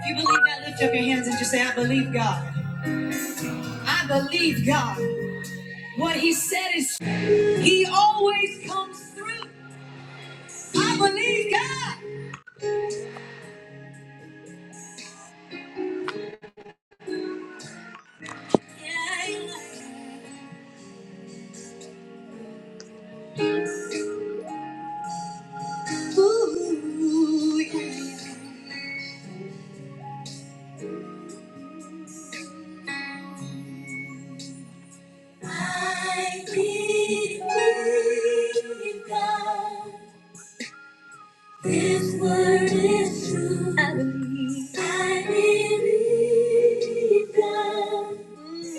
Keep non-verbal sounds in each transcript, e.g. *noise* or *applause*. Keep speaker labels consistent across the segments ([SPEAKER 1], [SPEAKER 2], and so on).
[SPEAKER 1] If you believe that, lift up your hands and just say, I believe God. I believe God. What He said is, He always comes through. I believe God. Yeah. Ooh, yeah. I believe God. This word is true. I believe. I believe God.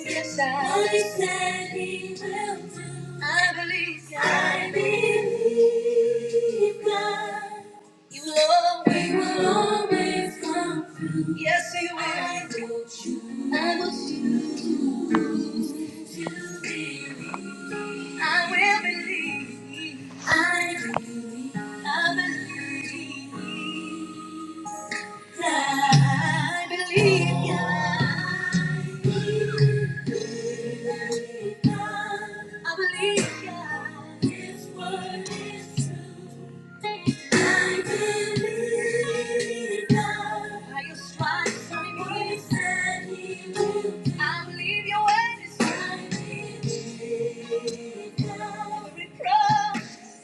[SPEAKER 1] Yes, I What he said he will do. I believe God. I believe God. You will always, He will always come through. Yes, He will. I will choose, I choose to believe. I will believe. I believe. I believe God. I believe God. I believe God. I believe God. What he he will I believe God.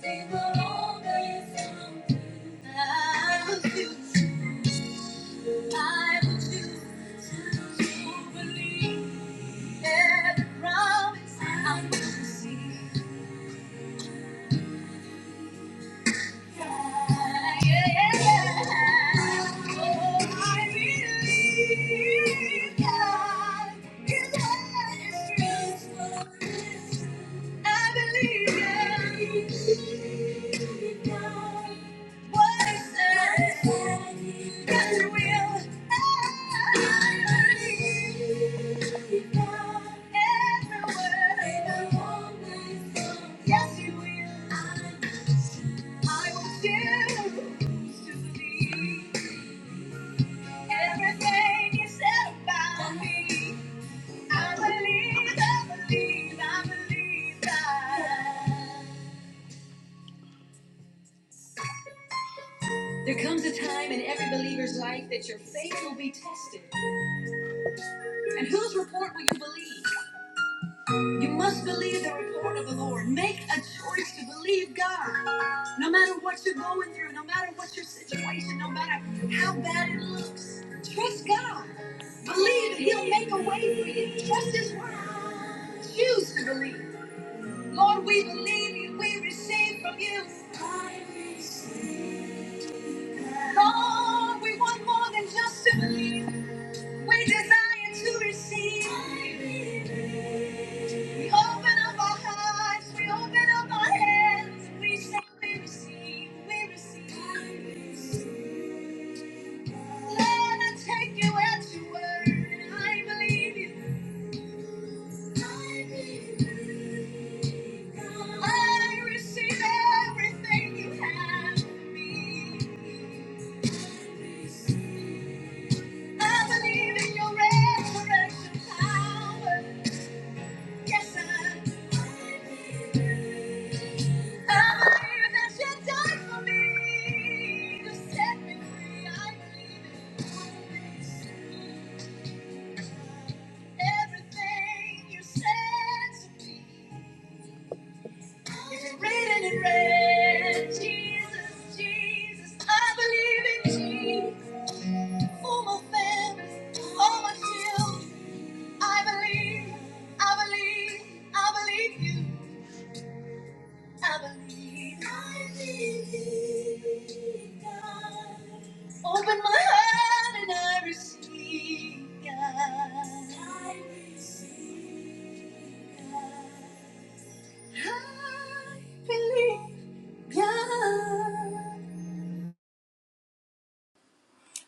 [SPEAKER 1] He will always come through. I choose to believe every promise I will see. Yes, you will. I will choose to believe everything you said about me. I believe, I believe, I believe that. There comes a time in every believer's life that your faith will be tested. And whose report will you believe? You must believe the report of the Lord. Make a choice to believe God. No matter what you're going through, no matter what your situation, no matter how bad it looks, trust God. Believe that He'll make a way for you. Trust His word. Choose to believe. Lord, we believe you. We receive from you. Lord, we want more than just to believe. We desire to receive. We open up our hearts, we open up our hands, we say we receive, we receive. Lord, I take you at your word. I believe you. I believe you. I receive everything you have for me. I, I everything you said. It's written in red. Jesus, Jesus, I believe in you. For my family, all my children. I believe, I believe, I believe you. I believe, I believe God. Open my heart and I receive God. I believe God.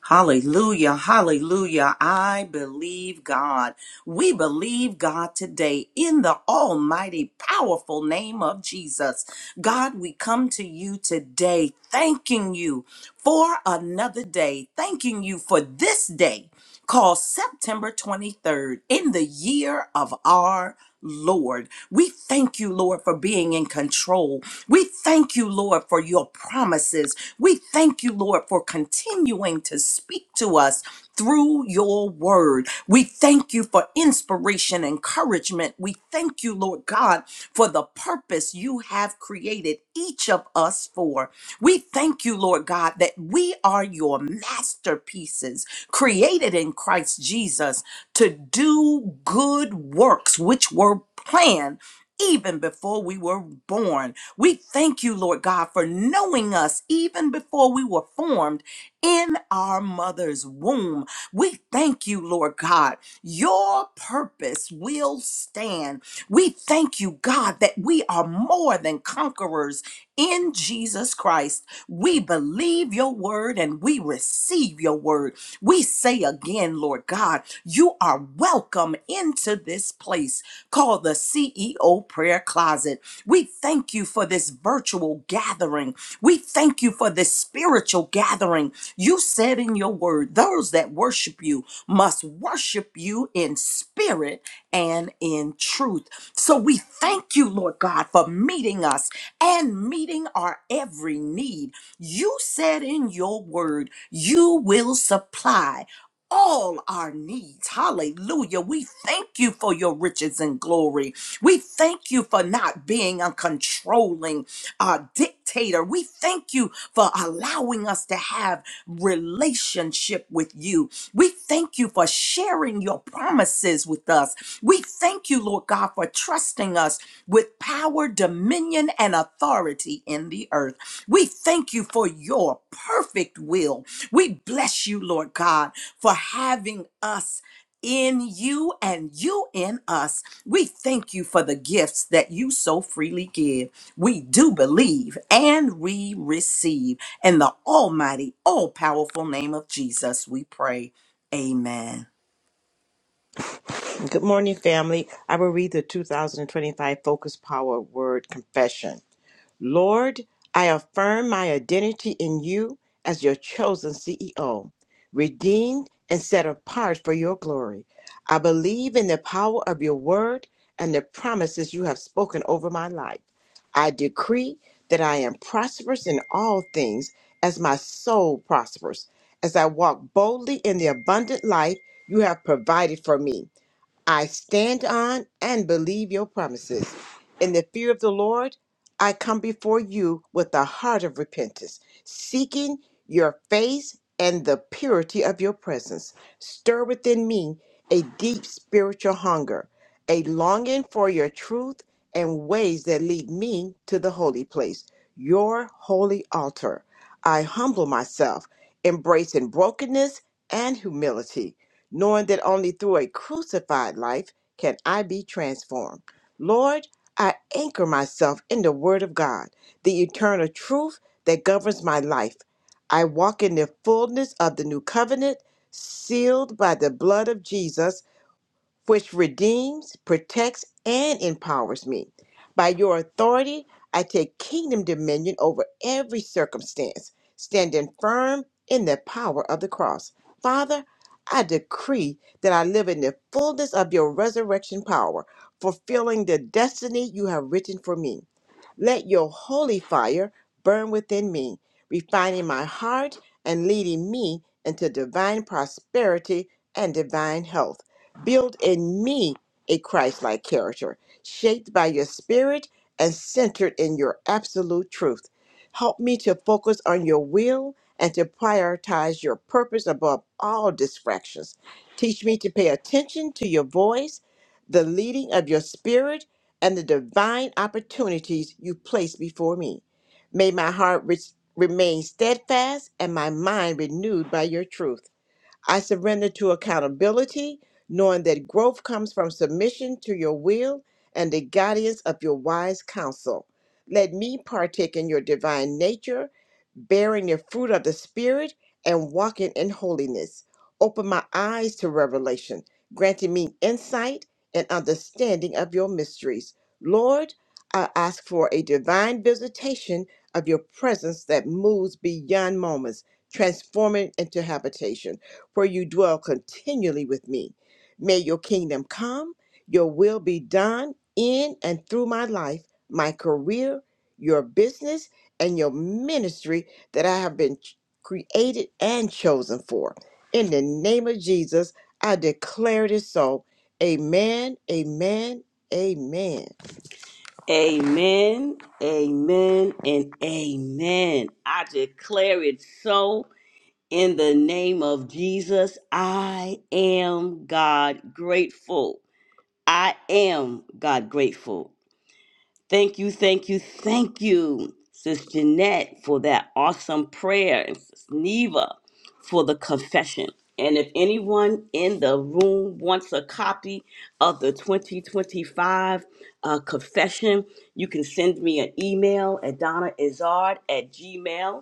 [SPEAKER 2] Hallelujah, hallelujah. I believe God. We believe God today in the almighty, powerful name of Jesus. God, we come to you today thanking you for another day, thanking you for this day called September 23rd in the year of our Lord, we thank you, Lord, for being in control. We thank you, Lord, for your promises. We thank you, Lord, for continuing to speak to us through your word. We thank you for inspiration, encouragement. We thank you, Lord God, for the purpose you have created each of us for. We thank you, Lord God, that we are your masterpieces created in Christ Jesus to do good works which were planned even before we were born. We thank you, Lord God, for knowing us even before we were formed in our mother's womb. We thank you, Lord God. Your purpose will stand. We thank you, God, that we are more than conquerors in Jesus Christ. We believe your word and we receive your word. We say again, Lord God, you are welcome into this place called the CEO Prayer Closet. We thank you for this virtual gathering. We thank you for this spiritual gathering. You said in your word, those that worship you must worship you in spirit and in truth. So we thank you, Lord God, for meeting us and meeting our every need. You said in your word, you will supply all our needs. Hallelujah. We thank you for your riches and glory. We thank you for not being a controlling uh, dictator. We thank you for allowing us to have relationship with you. We thank you for sharing your promises with us. We thank you, Lord God, for trusting us with power, dominion, and authority in the earth. We thank you for your perfect will. We bless you, Lord God, for having us in you and you in us. We thank you for the gifts that you so freely give. We do believe and we receive. In the almighty, all powerful name of Jesus, we pray. Amen.
[SPEAKER 3] Good morning, family. I will read the 2025 Focus Power Word Confession. Lord, I affirm my identity in you as your chosen CEO, redeemed and set apart for your glory. I believe in the power of your word and the promises you have spoken over my life. I decree that I am prosperous in all things as my soul prospers, as I walk boldly in the abundant life you have provided for me. I stand on and believe your promises. In the fear of the Lord, I come before you with a heart of repentance, seeking your face and the purity of your presence. Stir within me a deep spiritual hunger, a longing for your truth and ways that lead me to the holy place, your holy altar. I humble myself, embracing brokenness and humility knowing that only through a crucified life can I be transformed. Lord, I anchor myself in the Word of God, the eternal truth that governs my life. I walk in the fullness of the new covenant, sealed by the blood of Jesus which redeems, protects, and empowers me. By your authority, I take kingdom dominion over every circumstance, standing firm in the power of the cross. Father, I decree that I live in the fullness of your resurrection power, fulfilling the destiny you have written for me. Let your holy fire burn within me, refining my heart and leading me into divine prosperity and divine health. Build in me a Christ like character, shaped by your spirit and centered in your absolute truth. Help me to focus on your will and to prioritize your purpose above all distractions. Teach me to pay attention to your voice, the leading of your spirit and the divine opportunities you place before me. May my heart re- remain steadfast and my mind renewed by your truth. I surrender to accountability, knowing that growth comes from submission to your will and the guidance of your wise counsel. Let me partake in your divine nature, bearing the fruit of the Spirit and walking in holiness. Open my eyes to revelation, granting me insight and understanding of your mysteries. Lord, I ask for a divine visitation of your presence that moves beyond moments, transforming into habitation for you dwell continually with me. May your kingdom come, your will be done in and through my life, my career, your business, and your ministry that I have been ch- created and chosen for. In the name of Jesus, I declare it is so. Amen, amen, amen.
[SPEAKER 1] Amen, amen, and amen. I declare it so in the name of Jesus. I am God grateful. I am God grateful. Thank you, thank you, thank you, Sis Jeanette, for that awesome prayer, and Sis Neva for the confession. And if anyone in the room wants a copy of the 2025 uh, confession, you can send me an email at donnaizard at gmail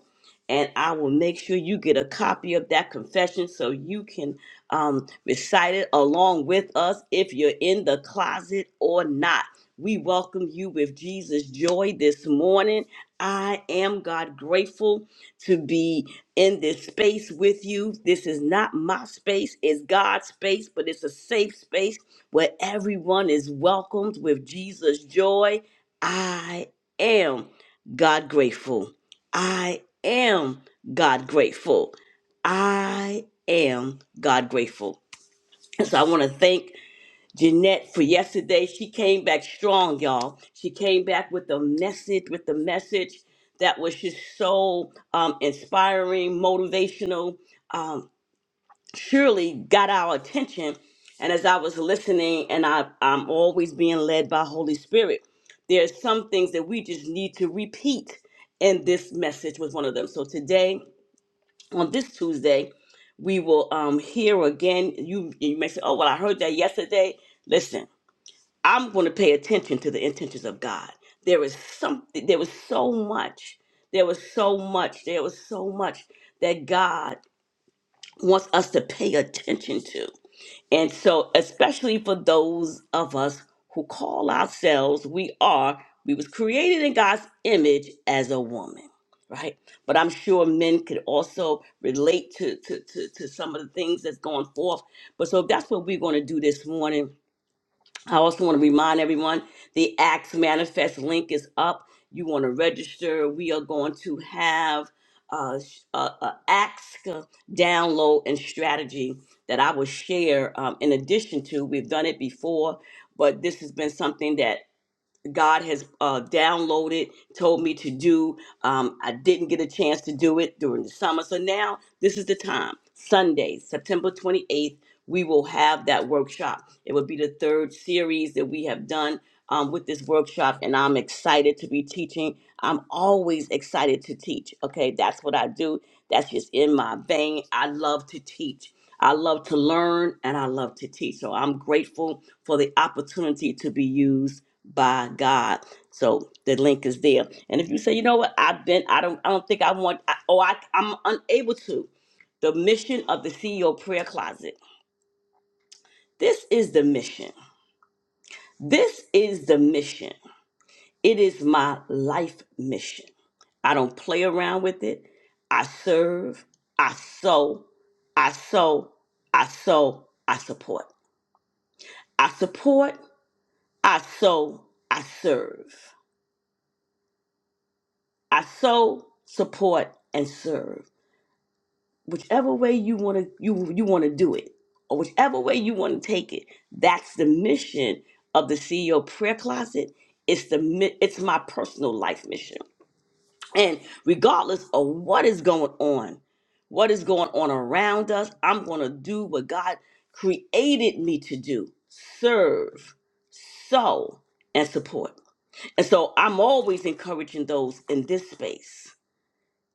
[SPEAKER 1] and I will make sure you get a copy of that confession so you can um, recite it along with us if you're in the closet or not. We welcome you with Jesus' joy this morning. I am God grateful to be in this space with you. This is not my space, it's God's space, but it's a safe space where everyone is welcomed with Jesus' joy. I am God grateful. I am God grateful. I am God grateful. And so I want to thank Jeanette for yesterday. She came back strong, y'all. She came back with a message, with the message that was just so um, inspiring, motivational. Um, surely got our attention. And as I was listening, and I, I'm always being led by Holy Spirit, there's some things that we just need to repeat. And this message was one of them. So today, on this Tuesday, we will um, hear again. You, you may say, oh, well, I heard that yesterday. Listen, I'm going to pay attention to the intentions of God. There is something, there was so much, there was so much, there was so much that God wants us to pay attention to. And so, especially for those of us who call ourselves, we are, we was created in God's image as a woman, right? But I'm sure men could also relate to, to, to, to some of the things that's going forth. But so that's what we're going to do this morning I also want to remind everyone the Acts Manifest link is up. You want to register. We are going to have uh, sh- a, a Acts download and strategy that I will share. Um, in addition to, we've done it before, but this has been something that God has uh, downloaded, told me to do. Um, I didn't get a chance to do it during the summer. So now this is the time. Sunday, September 28th, we will have that workshop. It will be the third series that we have done um, with this workshop, and I'm excited to be teaching. I'm always excited to teach. Okay, that's what I do. That's just in my vein. I love to teach. I love to learn and I love to teach. So I'm grateful for the opportunity to be used by God. So the link is there. And if you say, you know what, I've been, I don't, I don't think I want, I, oh, I, I'm unable to. The mission of the CEO prayer closet. This is the mission. This is the mission. It is my life mission. I don't play around with it. I serve, I sow, I sow, I sow, I support. I support, I sow, I serve. I sow, support, and serve. whichever way you want to you you want to do it or whichever way you want to take it that's the mission of the ceo prayer closet it's the mi- it's my personal life mission and regardless of what is going on what is going on around us i'm going to do what god created me to do serve sow and support and so i'm always encouraging those in this space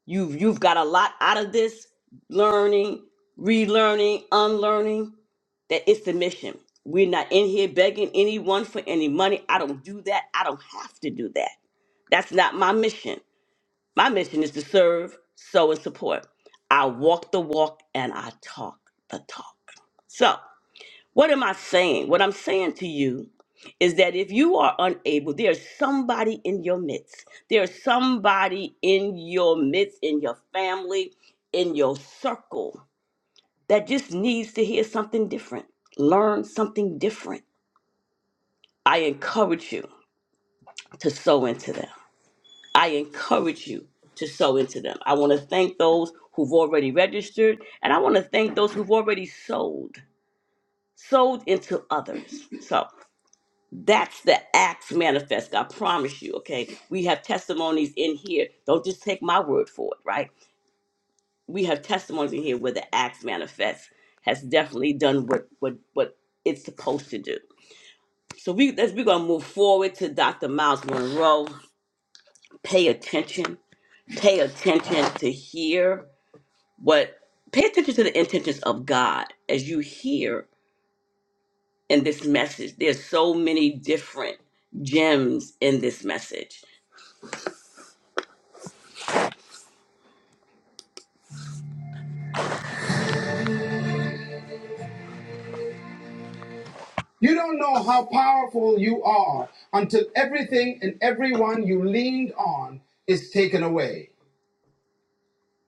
[SPEAKER 1] You've you've got a lot out of this learning, relearning, unlearning. That it's the mission. We're not in here begging anyone for any money. I don't do that. I don't have to do that. That's not my mission. My mission is to serve, sow, and support. I walk the walk and I talk the talk. So. What am I saying? What I'm saying to you is that if you are unable, there's somebody in your midst. There's somebody in your midst, in your family, in your circle that just needs to hear something different, learn something different. I encourage you to sow into them. I encourage you to sow into them. I want to thank those who've already registered, and I want to thank those who've already sold, sold into others. So That's the acts manifest. I promise you, okay? We have testimonies in here. Don't just take my word for it, right? We have testimonies in here where the acts manifest has definitely done what what what it's supposed to do. So we as we're gonna move forward to Dr. Miles Monroe. Pay attention. Pay attention to hear what pay attention to the intentions of God as you hear in this message. There's so many different gems in this message You don't know how powerful you are until everything and everyone you leaned on is taken away.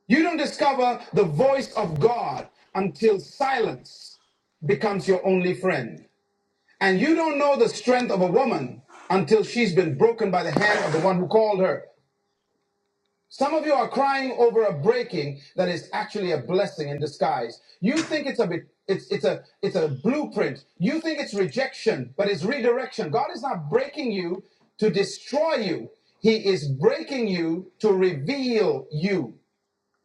[SPEAKER 1] You don't discover the voice of God until silence becomes your only friend. And you don't know the strength of a woman until she's been broken by the hand of the one who called her. Some of you are crying over a breaking that is actually a blessing in disguise. You think it's a bit, it's it's a it's a blueprint. You think it's rejection, but it's redirection. God is not breaking you to destroy you. He is breaking you to reveal you.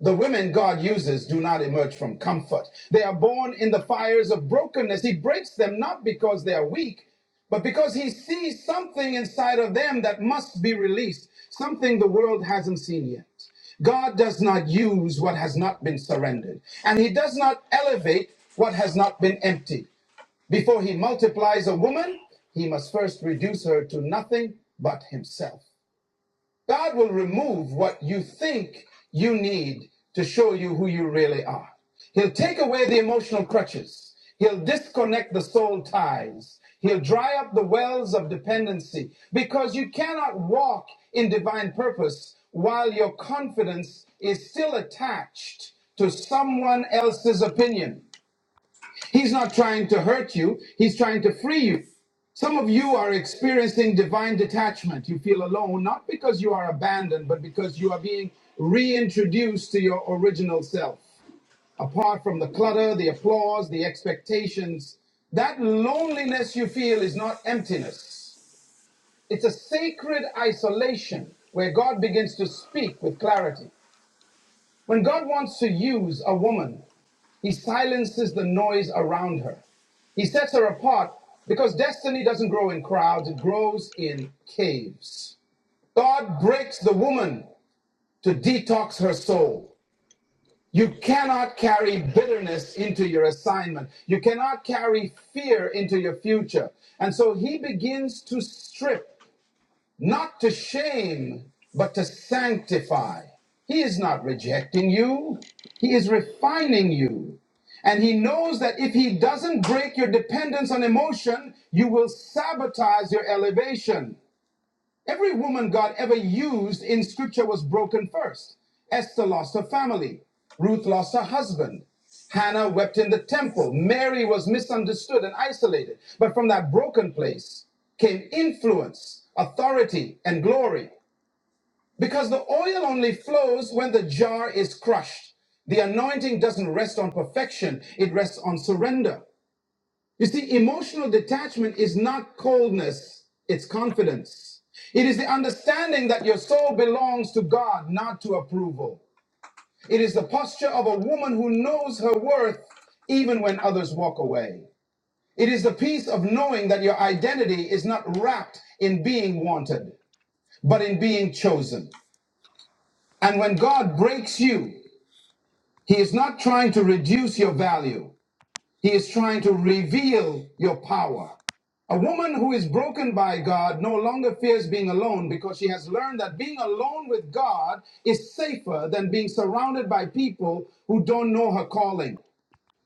[SPEAKER 1] The women God uses do not emerge from comfort. They are born in the fires of brokenness. He breaks them not because they are weak, but because He sees something inside of them that must be released, something the world hasn't seen yet. God does not use what has not been surrendered, and He does not elevate what has not been emptied. Before He multiplies a woman, He must first reduce her to nothing but Himself. God will remove what you think you need to show you who you really are. He'll take away the emotional crutches. He'll disconnect the soul ties. He'll dry up the wells of dependency because you cannot walk in divine purpose while your confidence is still attached to someone else's opinion. He's not trying to hurt you, he's trying to free you. Some of you are experiencing divine detachment. You feel alone, not because you are abandoned, but because you are being reintroduced to your original self. Apart from the clutter, the applause, the expectations, that loneliness you feel is not emptiness. It's a sacred isolation where God begins to speak with clarity. When God wants to use a woman, he silences the noise around her. He sets her apart because destiny doesn't grow in crowds, it grows in caves. God breaks the woman to detox her soul. You cannot carry bitterness into your assignment. You cannot carry fear into your future. And so he begins to strip not to shame, but to sanctify. He is not rejecting you, He is refining you. And He knows that if He doesn't break your dependence on emotion, you will sabotage your elevation. Every woman God ever used in scripture was broken first. Esther lost her family. Ruth lost her husband. Hannah wept in the temple. Mary was misunderstood and isolated. But from that broken place came influence, authority, and glory. Because the oil only flows when the jar is crushed. The anointing doesn't rest on perfection, it rests on surrender. You see, emotional detachment is not coldness, it's confidence. It is the understanding that your soul belongs to God, not to approval. It is the posture of a woman who knows her worth even when others walk away. It is the peace of knowing that your identity is not wrapped in being wanted, but in being chosen. And when God breaks you, He is not trying to reduce your value. He is trying to reveal your power. A woman who is broken by God no longer fears being alone because she has learned that being alone with God is safer than being surrounded by people who don't know her calling.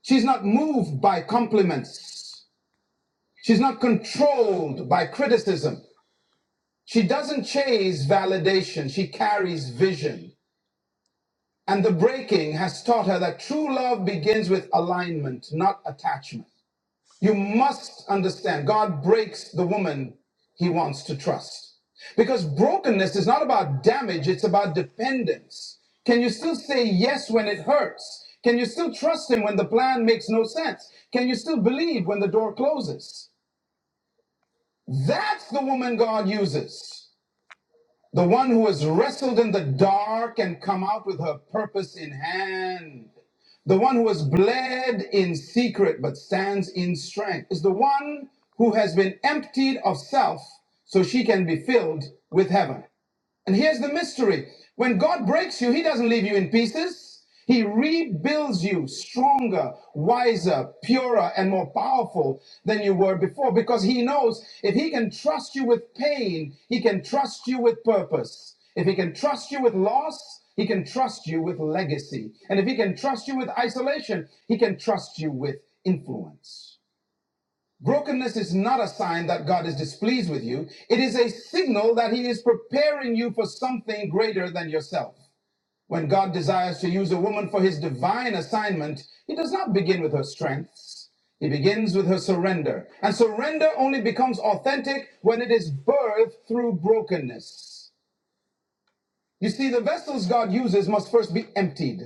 [SPEAKER 1] She's not moved by compliments, she's not controlled by criticism. She doesn't chase validation, she carries vision. And the breaking has taught her that true love begins with alignment, not attachment. You must understand God breaks the woman he wants to trust. Because brokenness is not about damage, it's about dependence. Can you still say yes when it hurts? Can you still trust him when the plan makes no sense? Can you still believe when the door closes? That's the woman God uses. The one who has wrestled in the dark and come out with her purpose in hand. The one who has bled in secret but stands in strength is the one who has been emptied of self so she can be filled with heaven. And here's the mystery when God breaks you, He doesn't leave you in pieces. He rebuilds you stronger, wiser, purer, and more powerful than you were before because He knows if He can trust you with pain, He can trust you with purpose. If He can trust you with loss, He can trust you with legacy. And if He can trust you with isolation, He can trust you with influence. Brokenness is not a sign that God is displeased with you. It is a signal that He is preparing you for something greater than yourself. When God desires to use a woman for His divine assignment, He does not begin with her strengths. He begins with her surrender. And surrender only becomes authentic when it is birthed through brokenness. You see, the vessels God uses must first be emptied.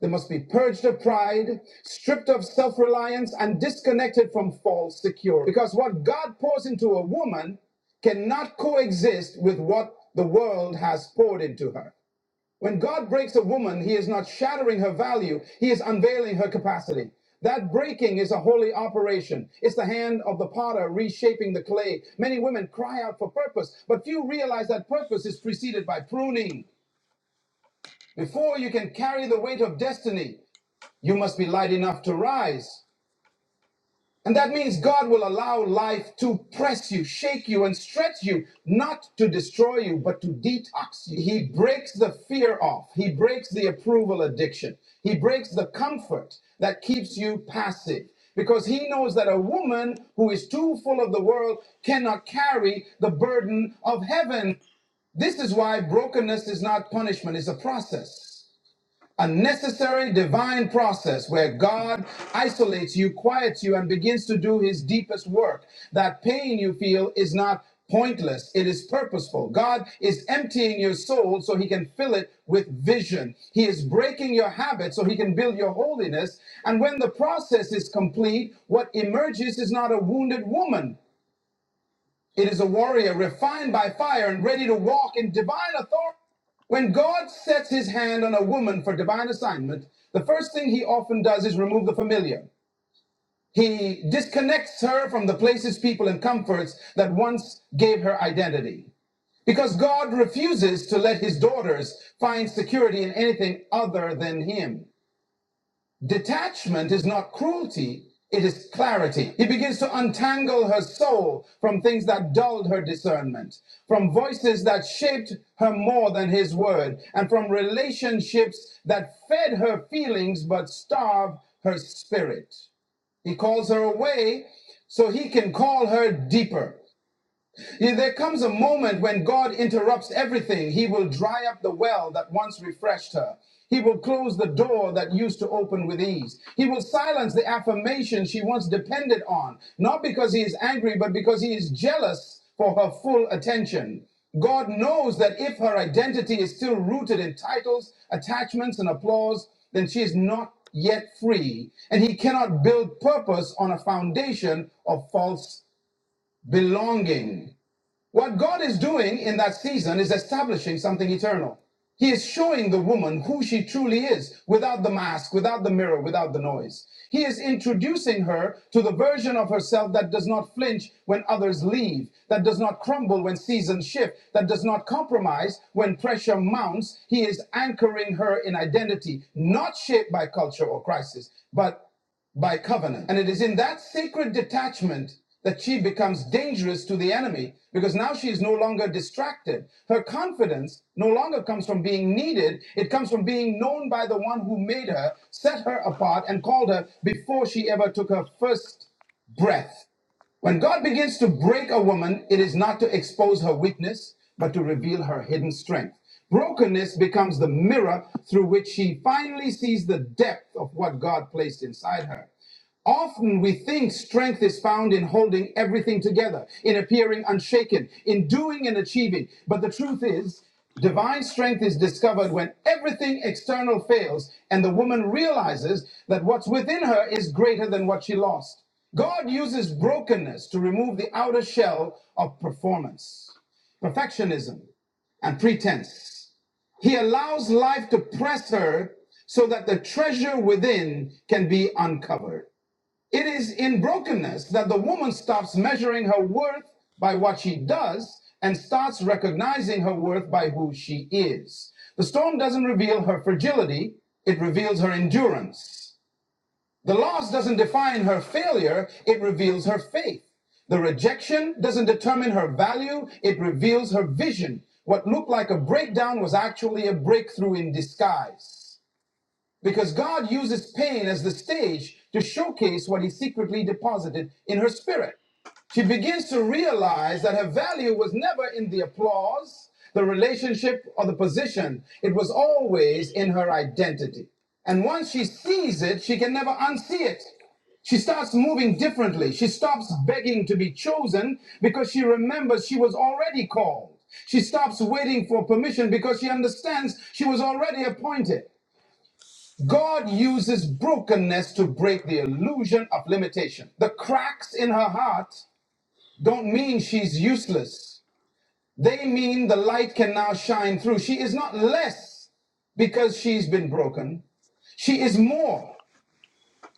[SPEAKER 1] They must be purged of pride, stripped of self reliance, and disconnected from false security. Because what God pours into a woman cannot coexist with what the world has poured into her. When God breaks a woman, he is not shattering her value, he is unveiling her capacity. That breaking is a holy operation. It's the hand of the potter reshaping the clay. Many women cry out for purpose, but few realize that purpose is preceded by pruning. Before you can carry the weight of destiny, you must be light enough to rise. And that means God will allow life to press you, shake you, and stretch you, not to destroy you, but to detox you. He breaks the fear off. He breaks the approval addiction. He breaks the comfort that keeps you passive because he knows that a woman who is too full of the world cannot carry the burden of heaven. This is why brokenness is not punishment, it's a process. A necessary divine process where God isolates you, quiets you, and begins to do his deepest work. That pain you feel is not pointless, it is purposeful. God is emptying your soul so he can fill it with vision. He is breaking your habits so he can build your holiness. And when the process is complete, what emerges is not a wounded woman. It is a warrior refined by fire and ready to walk in divine authority. When God sets his hand on a woman for divine assignment, the first thing he often does is remove the familiar. He disconnects her from the places, people, and comforts that once gave her identity. Because God refuses to let his daughters find security in anything other than him. Detachment is not cruelty, it is clarity. He begins to untangle her soul from things that dulled her discernment, from voices that shaped her more than his word, and from relationships that fed her feelings but starved her spirit. He calls her away so he can call her deeper. Yeah, There comes a moment when God interrupts everything. He will dry up the well that once refreshed her. He will close the door that used to open with ease. He will silence the affirmation she once depended on, not because he is angry, but because he is jealous for her full attention. God knows that if her identity is still rooted in titles, attachments, and applause, then she is not yet free, and he cannot build purpose on a foundation of false belonging. What God is doing in that season is establishing something eternal. He is showing the woman who she truly is without the mask, without the mirror, without the noise. He is introducing her to the version of herself that does not flinch when others leave, that does not crumble when seasons shift, that does not compromise when pressure mounts. He is anchoring her in identity, not shaped by culture or crisis, but by covenant. And it is in that sacred detachment that she becomes dangerous to the enemy because now she is no longer distracted. Her confidence no longer comes from being needed, it comes from being known by the one who made her, set her apart, and called her before she ever took her first breath. When God begins to break a woman, it is not to expose her weakness, but to reveal her hidden strength. Brokenness becomes the mirror through which she finally sees the depth of what God placed inside her. Often we think strength is found in holding everything together, in appearing unshaken, in doing and achieving. But the truth is, Divine strength is discovered when everything external fails and the woman realizes that what's within her is greater than what she lost. God uses brokenness to remove the outer shell of performance, perfectionism, and pretense. He allows life to press her so that the treasure within can be uncovered. It is in brokenness that the woman stops measuring her worth by what she does and starts recognizing her worth by who she is. The storm doesn't reveal her fragility, it reveals her endurance. The loss doesn't define her failure, it reveals her faith. The rejection doesn't determine her value, it reveals her vision. What looked like a breakdown was actually a breakthrough in disguise. Because God uses pain as the stage to showcase what he secretly deposited in her spirit. She begins to realize that her value was never in the applause, the relationship, or the position. It was always in her identity. And once she sees it, she can never unsee it. She starts moving differently. She stops begging to be chosen because she remembers she was already called. She stops waiting for permission because she understands she was already appointed. God uses brokenness to break the illusion of limitation. The cracks in her heart don't mean she's useless. They mean the light can now shine through. She is not less because she's been broken. She is more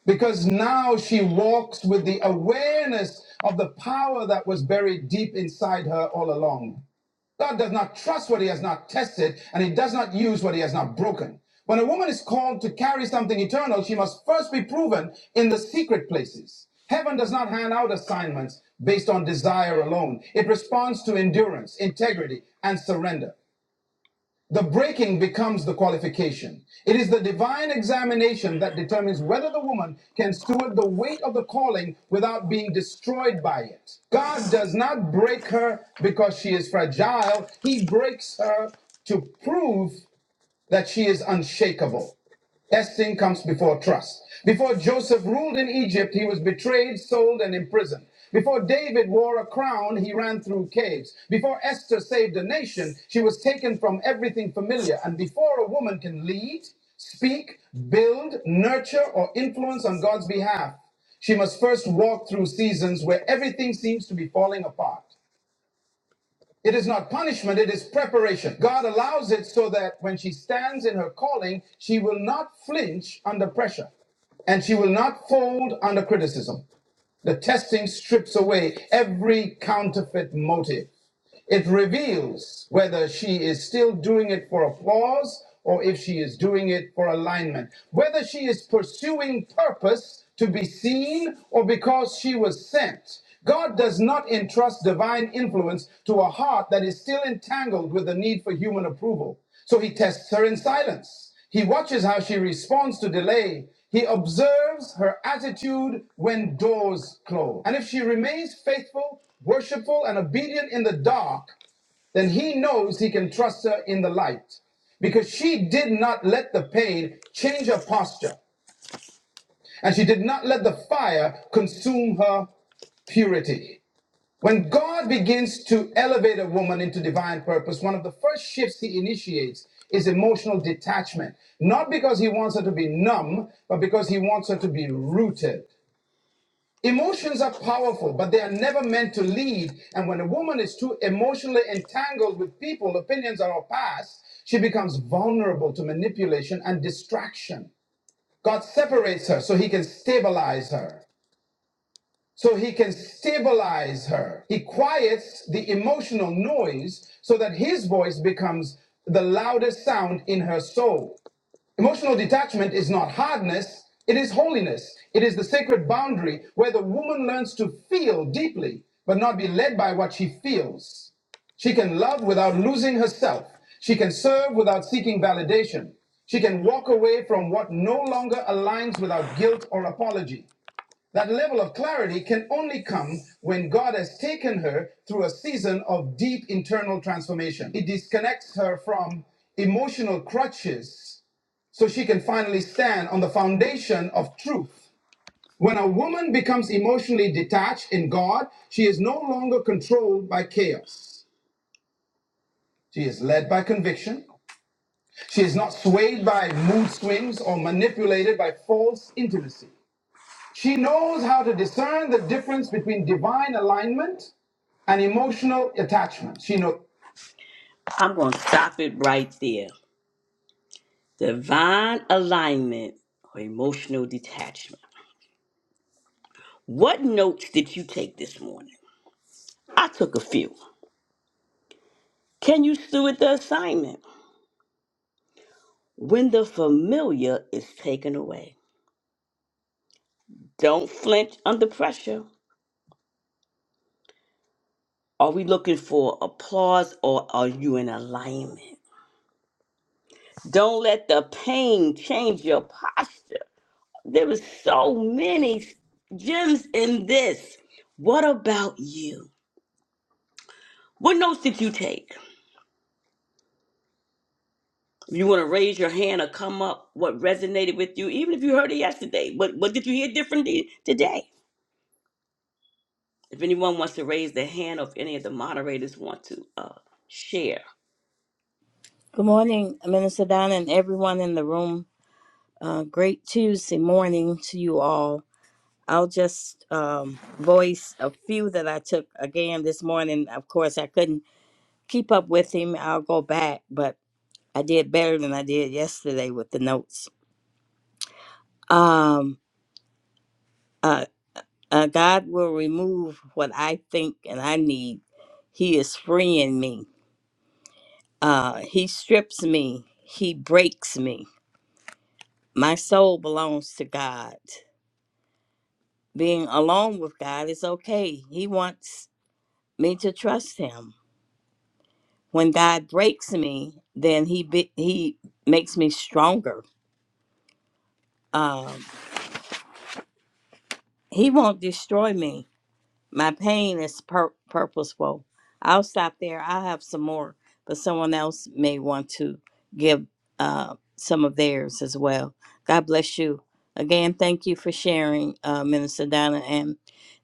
[SPEAKER 1] because now she walks with the awareness of the power that was buried deep inside her all along. God does not trust what he has not tested, and he does not use what he has not broken. When a woman is called to carry something eternal, she must first be proven in the secret places. Heaven does not hand out assignments based on desire alone. It responds to endurance, integrity, and surrender. The breaking becomes the qualification. It is the divine examination that determines whether the woman can steward the weight of the calling without being destroyed by it. God does not break her because she is fragile, He breaks her to prove that she is unshakable. Esteem comes before trust. Before Joseph ruled in Egypt, he was betrayed, sold, and imprisoned. Before David wore a crown, he ran through caves. Before Esther saved a nation, she was taken from everything familiar. And before a woman can lead, speak, build, nurture, or influence on God's behalf, she must first walk through seasons where everything seems to be falling apart. It is not punishment, it is preparation. God allows it so that when she stands in her calling, she will not flinch under pressure and she will not fold under criticism. The testing strips away every counterfeit motive. It reveals whether she is still doing it for applause or if she is doing it for alignment, whether she is pursuing purpose to be seen or because she was sent. God does not entrust divine influence to a heart that is still entangled with the need for human approval. So he tests her in silence. He watches how she responds to delay. He observes her attitude when doors close. And if she remains faithful, worshipful, and obedient in the dark, then he knows he can trust her in the light. Because she did not let the pain change her posture, and she did not let the fire consume her purity. When God begins to elevate a woman into divine purpose, one of the first shifts he initiates is emotional detachment. Not because he wants her to be numb, but because he wants her to be rooted. Emotions are powerful, but they are never meant to lead. And when a woman is too emotionally entangled with people, opinions, or her past, she becomes vulnerable to manipulation and distraction. God separates her so he can stabilize her so he can stabilize her. He quiets the emotional noise so that his voice becomes the loudest sound in her soul. Emotional detachment is not hardness, it is holiness. It is the sacred boundary where the woman learns to feel deeply, but not be led by what she feels. She can love without losing herself. She can serve without seeking validation. She can walk away from what no longer aligns without guilt or apology. That level of clarity can only come when God has taken her through a season of deep internal transformation. It disconnects her from emotional crutches so she can finally stand on the foundation of truth. When a woman becomes emotionally detached in God, she is no longer controlled by chaos. She is led by conviction. She is not swayed by mood swings or manipulated by false intimacy. She knows how to discern the difference between divine alignment and emotional attachment. She knows. I'm going to stop it right there. Divine alignment or emotional detachment. What notes did you take this morning? I took a few. Can you steward the assignment? When the familiar is taken away, don't flinch under pressure. Are we looking for applause or are you in alignment? Don't let the pain change your posture. There was so many gems in this. What about you? What notes did you take? If you want to raise your hand or come up, what resonated with you, even if you heard it yesterday, what, what did you hear differently today? If anyone wants to raise their hand or if any of the moderators want to uh, share.
[SPEAKER 4] Good morning, Minister Don, and everyone in the room. Uh, great Tuesday morning to you all. I'll just um, voice a few that I took again this morning. Of course, I couldn't keep up with him. I'll go back, but I did better than I did yesterday with the notes. Um, uh, uh, God will remove what I think and I need. He is freeing me. Uh, he strips me. He breaks me. My soul belongs to God. being alone with God is okay. He wants me to trust him. When God breaks me, then he be, he makes me stronger. Um, he won't destroy me My pain is pur- purposeful. I'll stop there. I have some more, but someone else may want to give uh, some of theirs as well. God bless you. Again, thank you for sharing, uh, Minister Donna and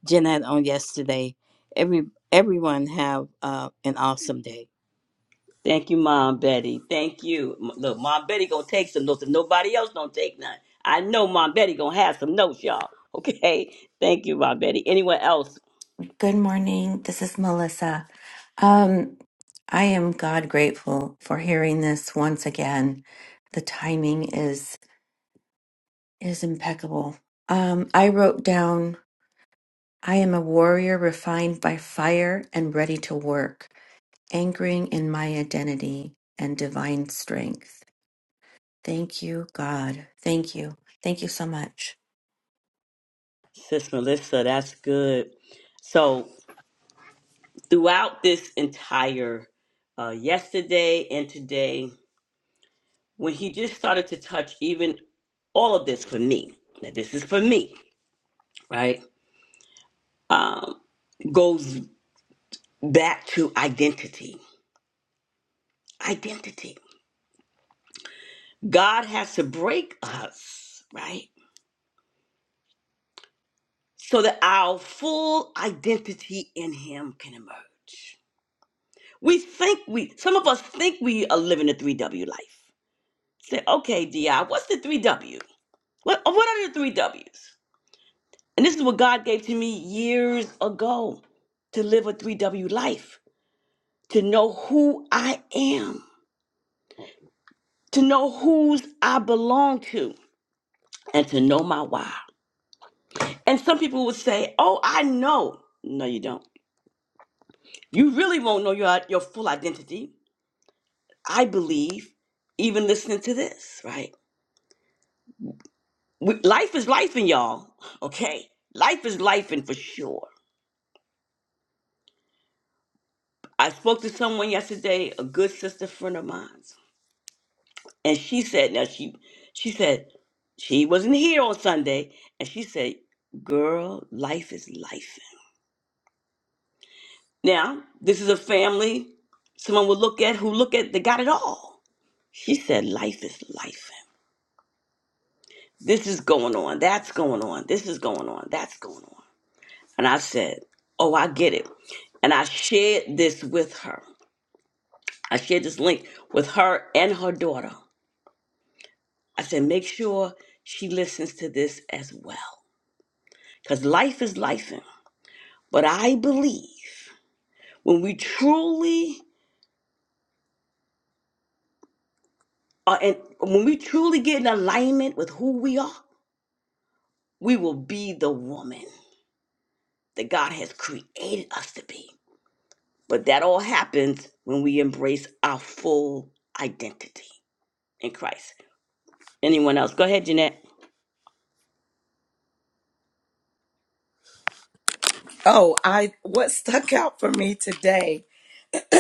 [SPEAKER 4] Jeanette on yesterday. Every everyone have uh, an awesome day.
[SPEAKER 1] Thank you, Mom Betty. Thank you. M- Look, Mom Betty gonna take some notes. If nobody else don't take none, I know Mom Betty gonna have some notes, y'all. Okay. *laughs* Thank you, Mom Betty. Anyone else
[SPEAKER 5] Good morning. This is Melissa. Um, I am God grateful for hearing this once again. The timing is is impeccable. Um, I wrote down, I am a warrior refined by fire and ready to work, anchoring in my identity and divine strength. Thank you, God. Thank you. Thank you so much.
[SPEAKER 1] Sis Melissa, that's good. So, throughout this entire uh, yesterday and today, when he just started to touch even all of this for me, that this is for me, right? Um, goes back to identity. Identity. God has to break us, right? So that our full identity in Him can emerge. We think we, some of us think we are living a 3W life Say, okay, DI, what's the three W? What uh, what are the three W's? And this is what God gave to me years ago to live a three W life, to know who I am, to know whose I belong to, and to know my why. And some people would say, Oh, I know. No, you don't. You really won't know your your full identity. I believe, even listening to this, right? We, life is life in y'all, okay? Life is life in for sure. I spoke to someone yesterday, a good sister friend of mine, and she said, now she she said she wasn't here on Sunday, and she said, "Girl, life is life." Now this is a family someone will look at who look at they got it all. She said, "Life is life. This is going on. That's going on. This is going on. That's going on." And I said, "Oh, I get it," and I shared this with her. I shared this link with her and her daughter I said, make sure she listens to this as well. Because life is life. But I believe when we truly are in, when we truly get in alignment with who we are, we will be the woman that God has created us to be. But that all happens when we embrace our full identity in Christ. Anyone else? Go ahead, Jeanette.
[SPEAKER 2] Oh, I what stuck out for me today *clears throat*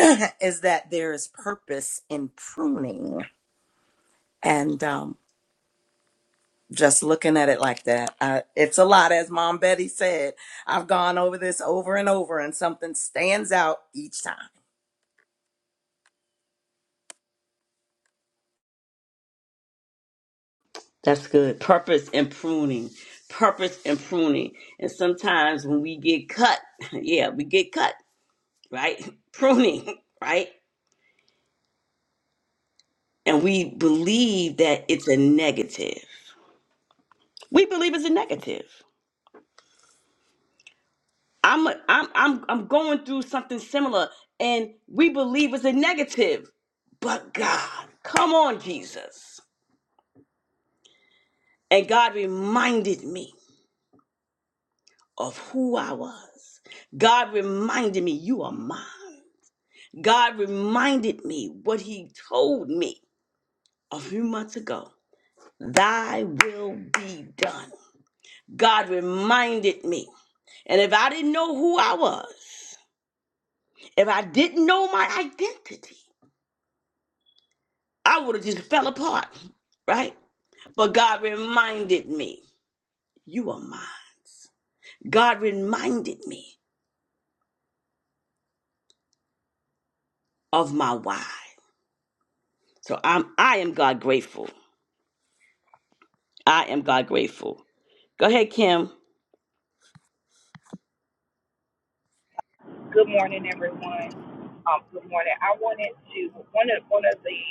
[SPEAKER 2] is that there is purpose in pruning. And um just looking at it like that, I, it's a lot. As Mom Betty said, I've gone over this over and over, and something stands out each time.
[SPEAKER 1] That's good. Purpose and pruning. Purpose and pruning. And sometimes when we get cut, *laughs* yeah, we get cut, right? *laughs* Pruning, right? And we believe that it's a negative. We believe it's a negative. I'm a, I'm I'm I'm going through something similar and we believe it's a negative. But God, come on Jesus. And God reminded me of who I was. God reminded me you are mine. God reminded me what He told me a few months ago Thy will be done. God reminded me. And if I didn't know who I was, if I didn't know my identity, I would have just fell apart, right? But God reminded me, You are mine. God reminded me of my why. So I'm I am God grateful. I am God grateful. Go ahead, Kim.
[SPEAKER 6] Good morning, everyone. Um, good morning. I wanted to one of one of the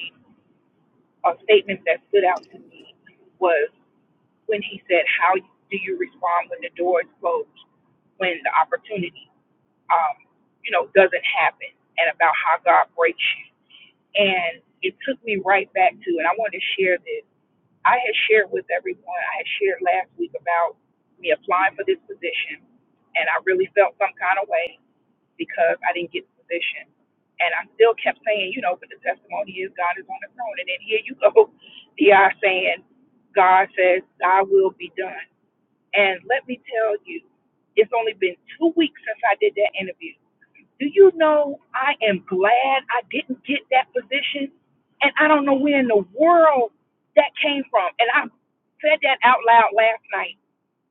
[SPEAKER 6] uh, statements that stood out to me was when he said, "How do you respond when the door is closed, when the opportunity, um, you know, doesn't happen?" And about how God breaks you. And it took me right back to, and I wanted to share this. I had shared with everyone. I had shared last week about me applying for this position, and I really felt some kind of way because I didn't get the position. And I still kept saying, you know, but the testimony is God is on the throne. And then here you go, *laughs* DI saying, God says, thy will be done. And let me tell you, it's only been two weeks since I did that interview. Do you know I am glad I didn't get that position? And I don't know where in the world that came from. And I said that out loud last night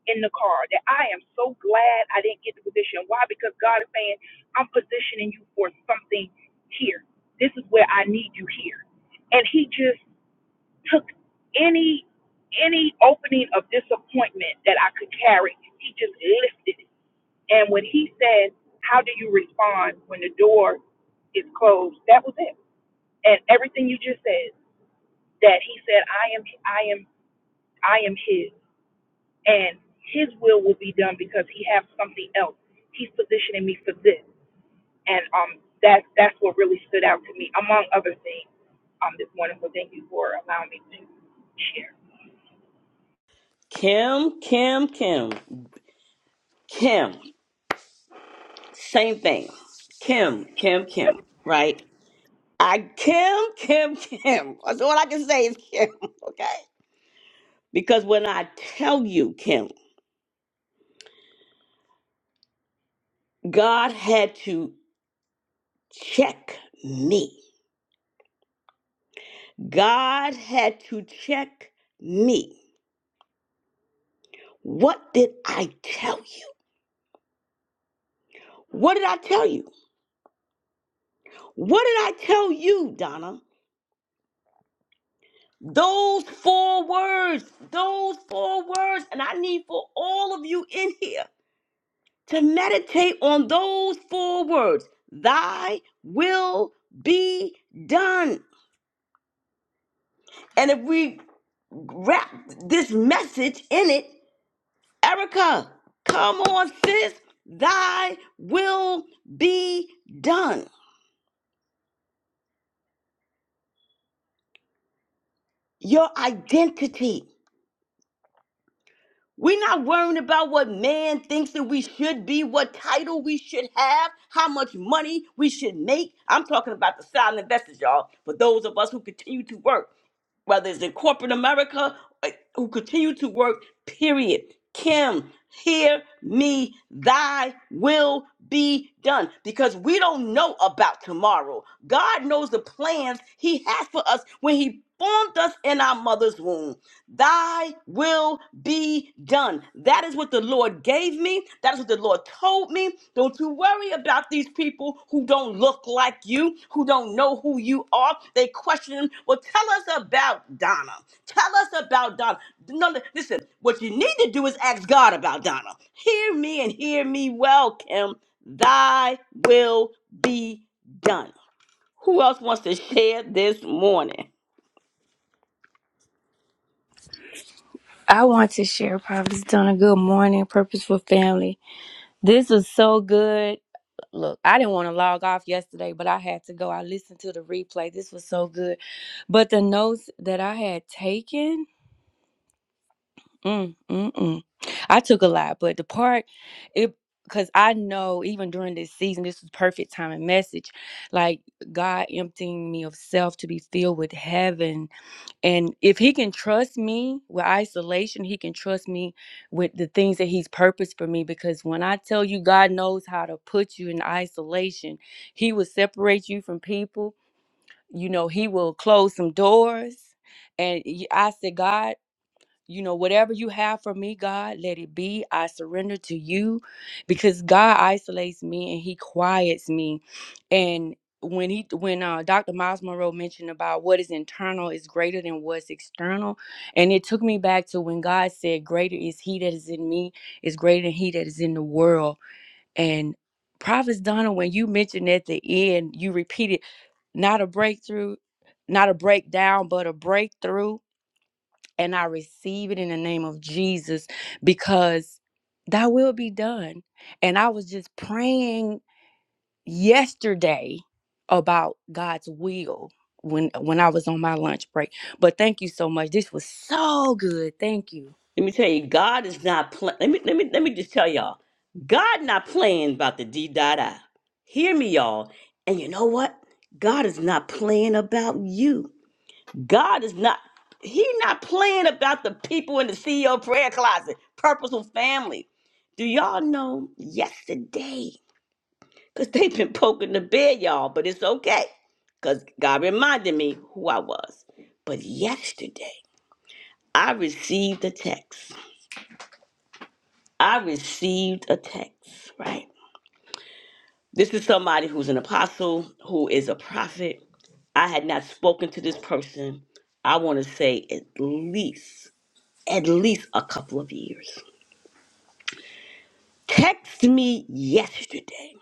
[SPEAKER 6] in the car that I am so glad I didn't get the position. Why? Because God is saying, I'm positioning you for something here. This is where I need you here. And he just took any any opening of disappointment that I could carry, he just lifted it. And when he said, How do you respond when the door is closed? That was it. And everything you just said, that he said, I am I am I am his and his will will be done because he has something else. He's positioning me for this. And um that's that's what really stood out to me, among other things, um, this morning. So thank you for allowing me to share.
[SPEAKER 1] Kim, Kim, Kim. Kim. Same thing. Kim, Kim, Kim, right? I Kim, Kim, Kim. *laughs* That's all I can say is Kim, *laughs* okay? Because when I tell you, Kim, God had to check me. God had to check me. What did I tell you? What did I tell you? What did I tell you, Donna? Those four words, those four words, and I need for all of you in here. to meditate on those four words Thy will be done. And if we wrap this message in it, Erica, come on, sis. Thy will be done. Your identity. We're not worrying about what man thinks that we should be, what title we should have, how much money we should make. I'm talking about the silent investors, y'all, for those of us who continue to work. whether it's in corporate America, uh, who continue to work, period. Kim, hear me, thy will be done. Because we don't know about tomorrow. God knows the plans He has for us when He formed us in our mother's womb. Thy will be done. That is what the Lord gave gave me. That's what the Lord told me. Don't you worry about these people who don't look like you, who don't know who you are. They question them. Well, tell us about Donna. Tell us about Donna. No, li- listen, what you need to do is ask God about Donna. Hear me and hear me well, Kim. Thy will be done. Who else wants to share this morning?
[SPEAKER 7] I want to share Prophet's done a good morning, purposeful family. This was so good. Look, I didn't want to log off yesterday, but I had to go. I listened to the replay. This was so good. But the notes that I had taken, mm, mm, mm. I took a lot, but the part, it, because I know even during this season, this was perfect time and message. Like God emptying me of self to be filled with heaven and if he can trust me with isolation, he can trust me with the things that he's purposed for me. Because when I tell you God knows how to put you in isolation, he will separate you from people. You know, he will close some doors. And y- I said, God, you know, whatever you have for me, God, let it be. I surrender to you because God isolates me and he quiets me. And when he when uh, Dr. Miles Monroe mentioned about what is internal is greater than what's external, and it took me back to when God said, "Greater is He that is in me is greater than He that is in the world." And Prophet Donna, when you mentioned at the end, you repeated, "Not a breakthrough, not a breakdown, but a breakthrough." and I receive it in the name of Jesus because that will be done. And I was just praying yesterday about God's will when when I was on my lunch break. But thank you so much. This was so good. Thank you.
[SPEAKER 1] Let me tell you, God is not playing. Let me let me let me just tell y'all, God not playing about the D dot I. Hear me, y'all. And you know what? God is not playing about you. God is not. He not playing about the people in the CEO prayer closet, purposeful family. Do y'all know yesterday? Cause they've been poking the bear, y'all. But it's okay, cause God reminded me who I was. But yesterday, I received a text I received a text, right? This is somebody who's an apostle, who is a prophet. I had not spoken to this person, I want to say at least, at least a couple of years. Text me yesterday.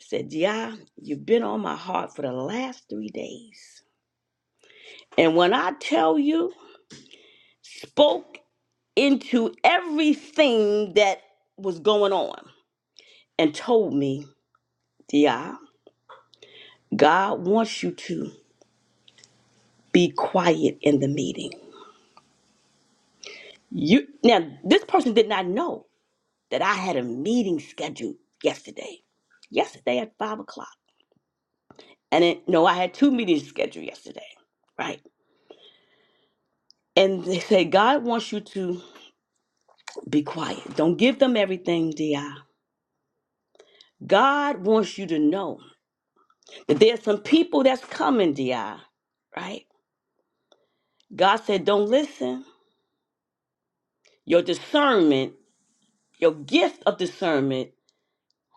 [SPEAKER 1] Said, Yeah, you've been on my heart for the last three days. And when I tell you, spoke into everything that was going on and told me, Yeah, God wants you to. Be quiet in the meeting. You now this person did not know that I had a meeting scheduled yesterday. Yesterday at five o'clock. And it, no, I had two meetings scheduled yesterday. Right. And they say God wants you to be quiet. Don't give them everything, DI. God wants you to know that there's some people that's coming, DI. Right? God said, Don't listen. Your discernment, your gift of discernment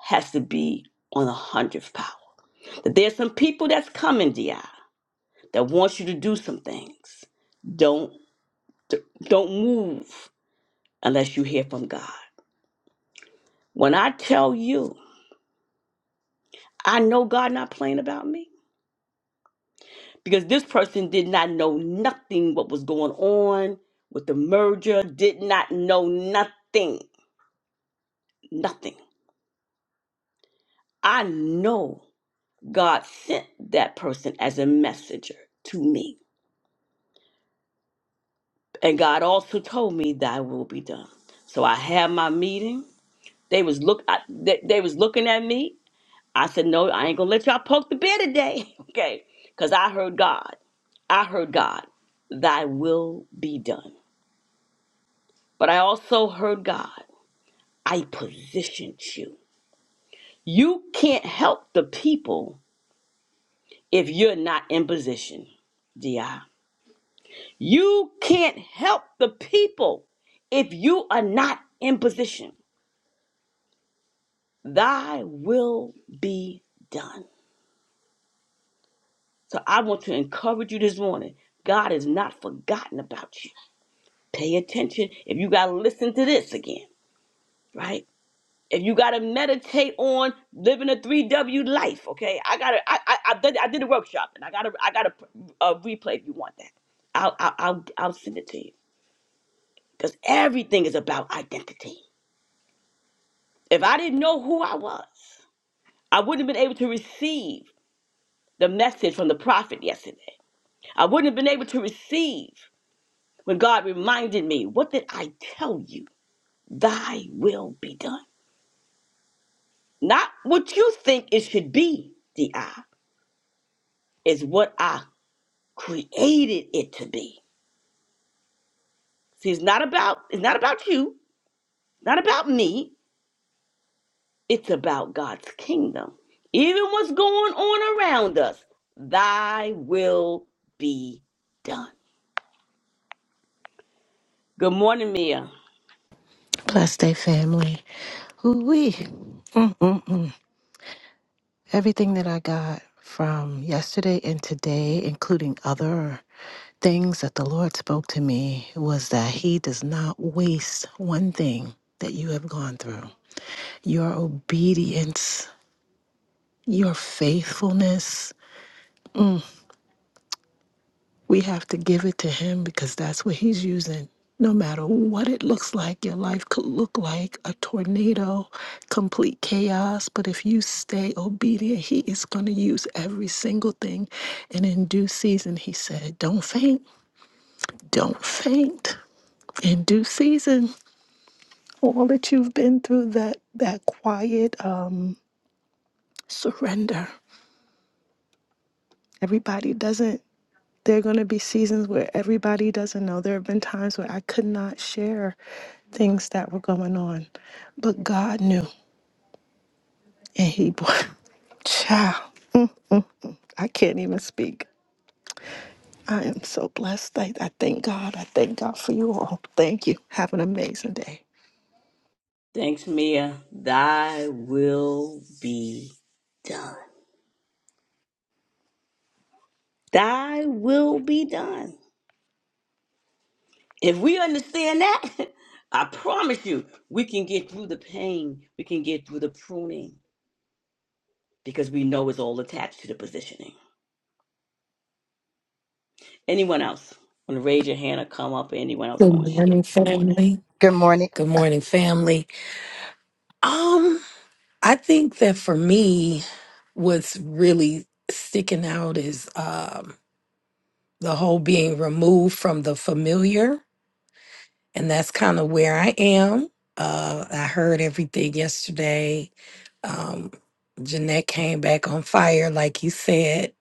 [SPEAKER 1] has to be on a hundredth power. There's some people that's coming, Di, that wants you to do some things. Don't don't move unless you hear from God. When I tell you, I know God not playing about me because this person did not know nothing what was going on with the merger, did not know nothing, nothing. I know God sent that person as a messenger to me. And God also told me thy will be done. So I had my meeting. They was look I, they, they was looking at me. I said, "No, I ain't gonna let y'all poke the bear today." *laughs* okay, because I heard God. I heard God. Thy will be done. But I also heard God. I positioned you. You can't help the people if you're not in position. Di. You can't help the people if you are not in position. Thy will be done. So I want to encourage you this morning. God is not forgotten about you. Pay attention if you got to listen to this again, right? If you got to meditate on living a 3W life, okay? I got to I, I I did I did a workshop and I got to I got to a replay if you want that. I'll I'll I'll, I'll send it to you cuz everything is about identity. If I didn't know who I was, I wouldn't have been able to receive the message from the prophet yesterday. I wouldn't have been able to receive when God reminded me, What did I tell you? Thy will be done. Not what you think it should be, DI, is what I created it to be. See, it's not about it's not about you, not about me. It's about God's kingdom. Even what's going on around us, thy will be done. Good morning, Mia.
[SPEAKER 8] Bless day family. Ooh-wee. Mm-mm-mm. Everything that I got from yesterday and today, including other things that the Lord spoke to me, was that He does not waste one thing that you have gone through. Your obedience, your faithfulness, We have to give it to Him because that's what He's using. No matter what it looks like, your life could look like a tornado, complete chaos. But if you stay obedient, He is going to use every single thing. And in due season, He said, Don't faint, don't faint. In due season, all that you've been through, that, that quiet um, surrender. Everybody doesn't There are going to be seasons where everybody doesn't know. There have been times where I could not share things that were going on, but God knew, and He brought. *laughs* Child, mm, I can't even speak. I am so blessed. I, I thank God. I thank God for you all. Thank you. Have an amazing day.
[SPEAKER 1] Thanks, Mia. Thy will be done. Thy will be done. If we understand that, *laughs* I promise you, we can get through the pain. We can get through the pruning because we know it's all attached to the positioning. Anyone else want to raise your hand or come up? Anyone else
[SPEAKER 9] Good
[SPEAKER 1] want to share
[SPEAKER 9] morning,
[SPEAKER 1] this morning?
[SPEAKER 9] family.
[SPEAKER 10] Good morning.
[SPEAKER 9] Good morning, family. Um, I think that for me, what's really sticking out is um the whole being removed from the familiar, and that's kind of where I am. Uh, I heard everything yesterday. Um, Jeanette came back on fire, like you said.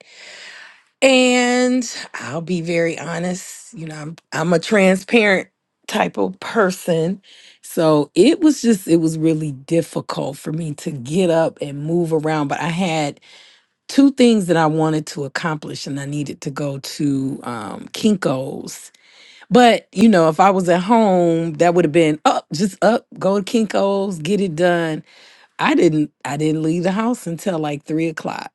[SPEAKER 9] And I'll be very honest, you know, I'm I'm a transparent type of person. So it was just it was really difficult for me to get up and move around, but I had two things that I wanted to accomplish and I needed to go to um Kinko's. But, you know, if I was at home, that would have been up, just up, go to Kinko's, get it done. I didn't I didn't leave the house until like three o'clock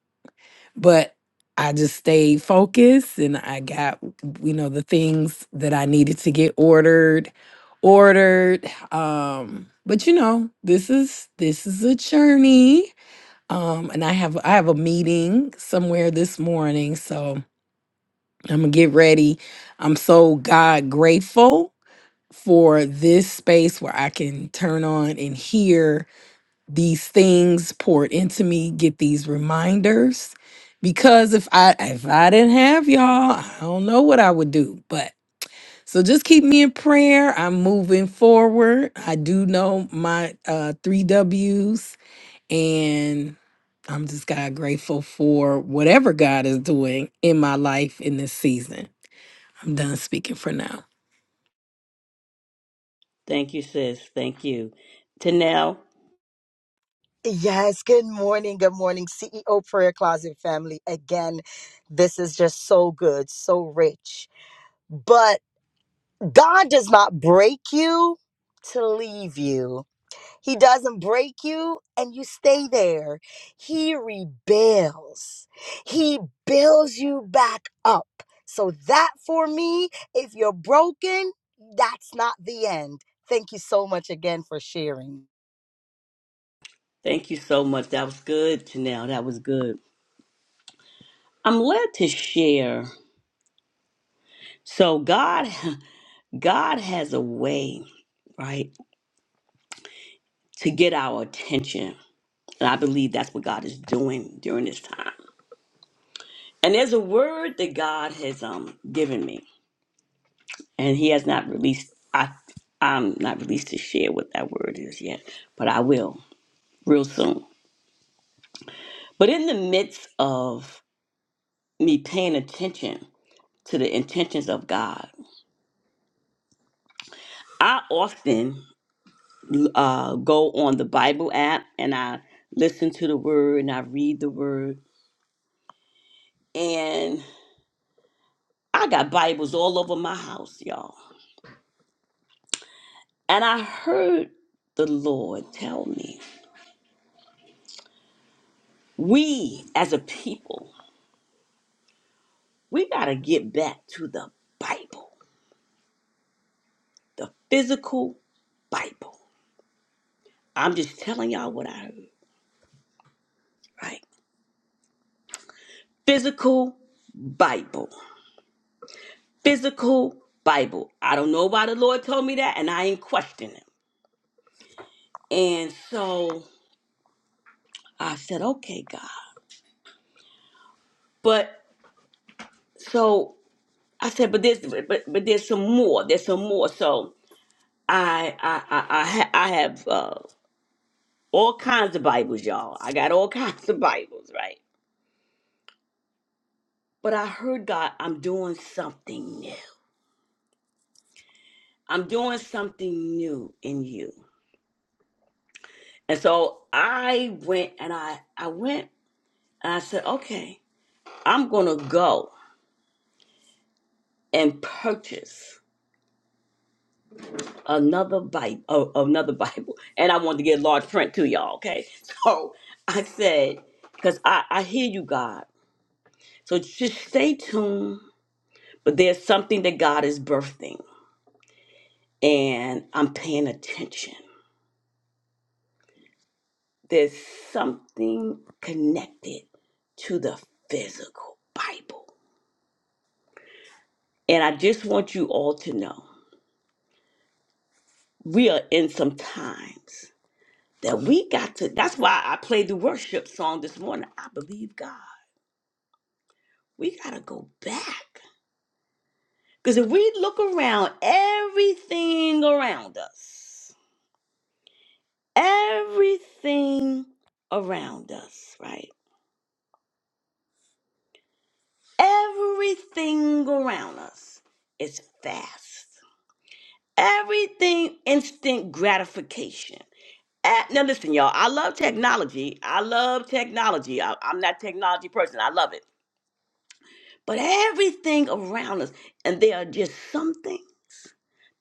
[SPEAKER 9] but I just stayed focused and I got, you know, the things that I needed to get ordered, ordered. Um, but you know, this is this is a journey. Um, and I have I have a meeting somewhere this morning, so I'm gonna get ready. I'm so God grateful for this space where I can turn on and hear these things poured into me, get these reminders. Because if I if I didn't have y'all, I don't know what I would do. But so just keep me in prayer. I'm moving forward. I do know my uh three W's and I'm just God grateful for whatever God is doing in my life in this season. I'm done speaking for now.
[SPEAKER 1] Thank you, sis. Thank you. Tanel,
[SPEAKER 10] Yes, good morning. Good morning, CEO Prayer Closet family. Again, this is just so good, so rich. But God does not break you to leave you, He doesn't break you and you stay there. He rebuilds, He builds you back up. So, that for me, if you're broken, that's not the end. Thank you so much again for sharing.
[SPEAKER 1] thank you so much. That was good, Tanel. That was good. I'm led to share. So God, *laughs* God has a way, right, to get our attention. And I believe that's what God is doing during this time And there's a word that God has um given me, and He has not released. I I'm not released to share what that word is yet, but I will real soon. But in the midst of me paying attention to the intentions of God, I often uh, go on the Bible app and I listen to the word and I read the word, and I got Bibles all over my house, y'all. And I heard the Lord tell me We as a people, we got to get back to the Bible, the physical Bible. I'm just telling y'all what I heard, right? Physical Bible. Physical Bible. I don't know why the Lord told me that, and I ain't questioning him. And so I said, okay, God. But so I said, but there's but, but there's some more. There's some more. So I I I I, ha- I have uh, all kinds of Bibles, y'all. I got all *laughs* kinds of Bibles, right? But I heard God, I'm doing something new. I'm doing something new in you. And so I went and I, I went and I said, okay, I'm going to go and purchase another Bible, uh, another *laughs* Bible. And I wanted to get large print too, y'all. Okay. *laughs* So I said, cause I, I hear you, God. So just stay tuned, but there's something that God is birthing and I'm paying attention. There's something connected to the physical Bible. And I just want you all to know we are in some times that we got to, that's why I played the worship song this morning. I believe God. We got to go back. Because if we look around, everything around us, everything around us, right? Everything around us is fast. everything instant gratification. Uh, now listen, y'all. I love technology. I love technology. I, I'm not a technology person. I love it. But everything around us, and there are just something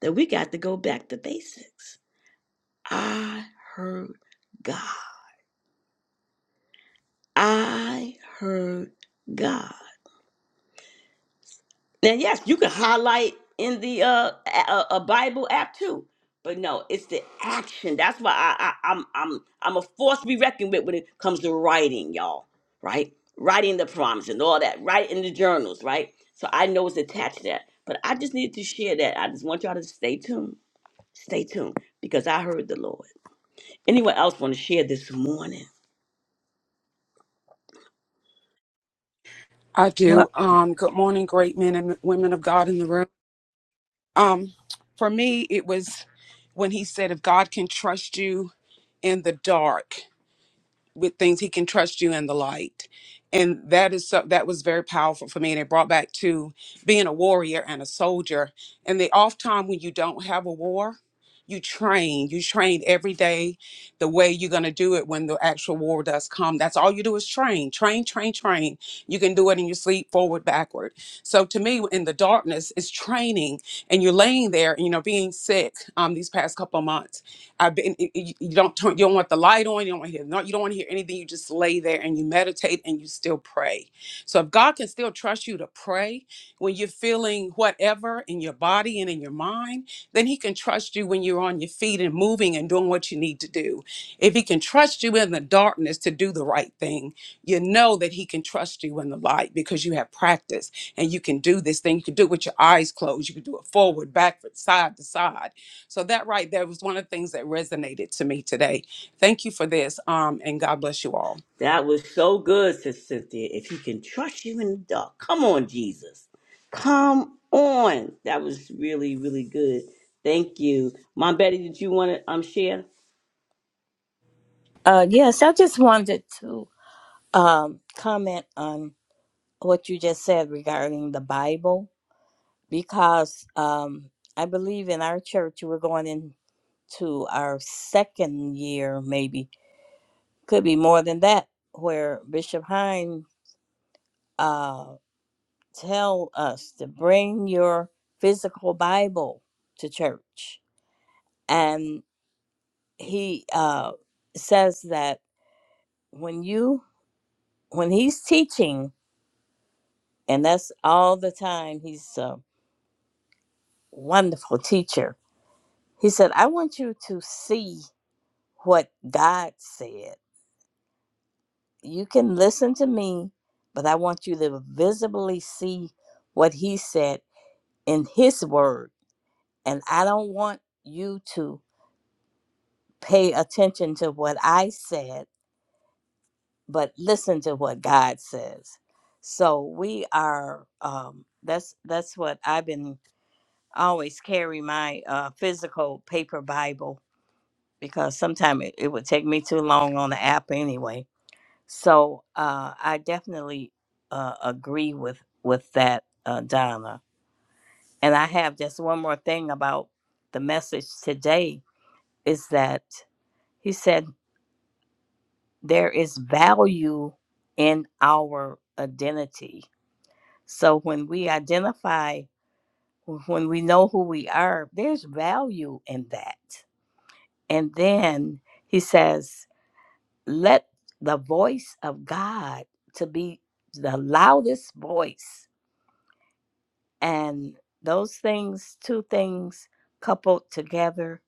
[SPEAKER 1] that we got to go back to basics. I heard God. I heard God. And yes, you can highlight in the uh, a, a Bible app too. But no, it's the action. That's why I, I I'm I'm I'm a force to be reckoned with when it comes to writing, y'all. Right? Writing the prompts and all that. Writing in the journals, right? So I know it's attached to that. But I just needed to share that. I just want y'all to stay tuned. Stay tuned because I heard the Lord. Anyone else want to share this morning?
[SPEAKER 11] I do.
[SPEAKER 4] Well,
[SPEAKER 11] Um, good morning, great men and women of God in the room. Um, for me, it was when he said, if God can trust you in the dark with things he can trust you in the light and that is so that was very powerful for me and it brought back to being a warrior and a soldier and the off time when you don't have a war you train you train every day the way you're going to do it when the actual war does come that's all you do is train train train train you can do it in your sleep forward backward so to me in the darkness is training and you're laying there you know being sick um, these past couple of months I've been. You, you you don't turn. You don't want the light on. You don't want to hear. No, you don't want to hear anything. You just lay there and you meditate and you still pray. So if God can still trust you to pray when you're feeling whatever in your body and in your mind, then He can trust you when you're on your feet and moving and doing what you need to do. If He can trust you in the darkness to do the right thing, you know that He can trust you in the light because you have practice and you can do this thing. You can do it with your eyes closed. You can do it forward, backward, side to side so that right there was one of the things that resonated to me today. Thank you for this, um, and God bless you all.
[SPEAKER 1] That was so good, Sister Cynthia. If he can trust you in the dark, come on, Jesus. Come on. That was really, really good. Thank you. Mom Betty, did you want to um, share?
[SPEAKER 4] uh, yes, I just wanted to um, comment on what you just said regarding the Bible because um, I believe in our church we're going in. to our second year, maybe could be more than that, where Bishop Hine uh, tell us to bring your physical Bible to church, and he uh, says that when you when he's teaching, and that's all the time. He's a wonderful teacher. He said, "I want you to see what God said." you can listen to me, but I want you to visibly see what he said in his word. And I don't want you to pay attention to what I said, but listen to what God says. So we are um that's that's what I've been I always carry my uh physical paper Bible because sometimes it, it would take me too long on the app anyway So uh, I definitely uh, agree with with that, uh, Donna. And I have just one more thing about the message today is that he said there is value in our identity. So when we identify, when we know who we are, there's value in that. And then he says, let the voice of God to be the loudest voice And those things, two things coupled together,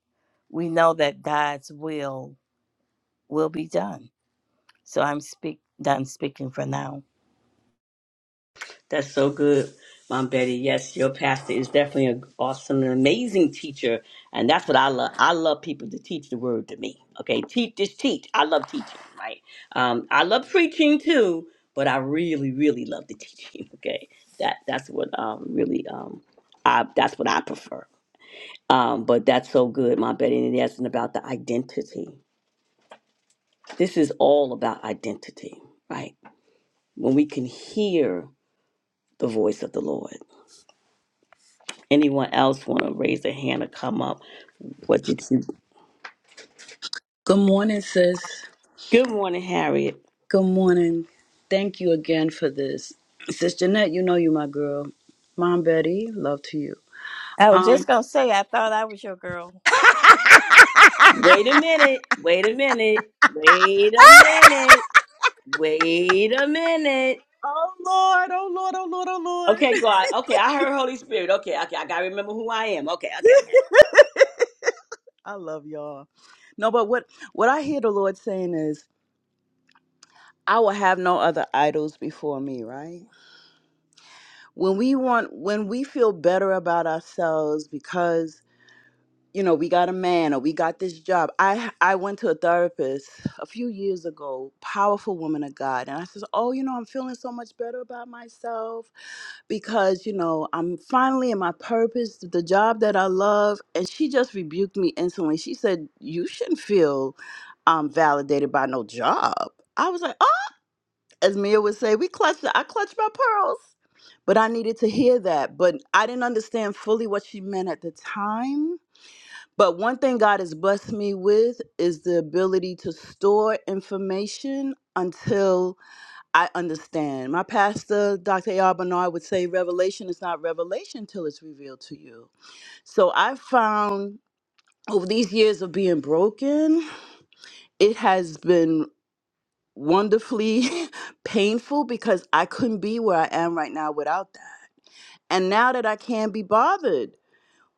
[SPEAKER 4] we know that God's will will be done. So I'm speak done speaking for now.
[SPEAKER 1] That's so good, Mom Betty. Yes, your pastor is definitely an awesome and amazing teacher. And that's what I love. I love people to teach the word to me. Okay, teach, just teach. I love teaching, right? Um, I love preaching too, but I really, really love the teaching. *laughs* Okay, that that's what um, really um, I that's what I prefer. Um, but that's so good, Mom Betty. And yes, and about the identity. This is all about identity, right? When we can hear the voice of the Lord Anyone else want to raise their hand or come up? What did you?
[SPEAKER 12] Good morning, sis.
[SPEAKER 1] Good morning, Harriet.
[SPEAKER 12] Good morning. Thank you again for this. Sis Jeanette, you know you my girl. Mom Betty, love to you.
[SPEAKER 4] I was just
[SPEAKER 12] Um
[SPEAKER 4] gonna say I thought I was your girl.
[SPEAKER 12] *laughs* Oh
[SPEAKER 1] Wait a minute. Wait a minute. Wait a minute. Wait a minute.
[SPEAKER 12] Lord, oh Lord, oh Lord, oh
[SPEAKER 1] Okay,
[SPEAKER 12] Lord.
[SPEAKER 1] God. Okay, I heard Holy Spirit. Okay, okay, I gotta remember who I am. Okay, okay, okay.
[SPEAKER 12] *laughs* I love y'all. No, but what what I hear the Lord saying is, I will have no other idols before me, right? When we want when we feel better about ourselves because you know, we got a man or we got this job. I I went to a therapist a few years ago, powerful woman of God, and I says, "Oh, you know, I'm feeling so much better about myself because, you know, I'm finally in my purpose, the job that I love." And she just rebuked me instantly. She said, "You shouldn't feel um validated by no job." I was like, "Oh, as Mia would say, we clutched I clutched my pearls." But I needed to hear that, but I didn't understand fully what she meant at the time but one thing God has blessed me with is the ability to store information until I understand. My pastor, Dr. A.R. Bernard, would say, Revelation is not revelation till it's revealed to you. So I found over these years of being broken, it has been wonderfully *laughs* painful because I couldn't be where I am right now without that. And now that I can't be bothered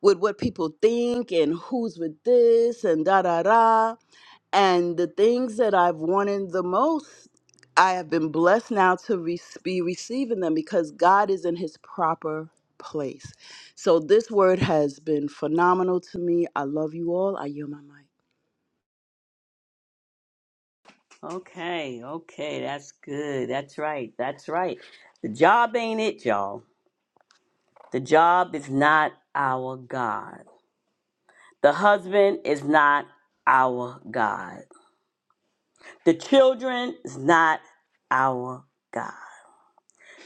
[SPEAKER 12] with what people think and who's with this and da da da And the things that I've wanted the most, I have been blessed now to re- be receiving them because God is in his proper place. So this word has been phenomenal to me. I love you all. I yield my mic.
[SPEAKER 1] Okay, okay, that's good. That's right. That's right. The job ain't it, y'all. The job is not our God. The husband is not our God. The children is not our God.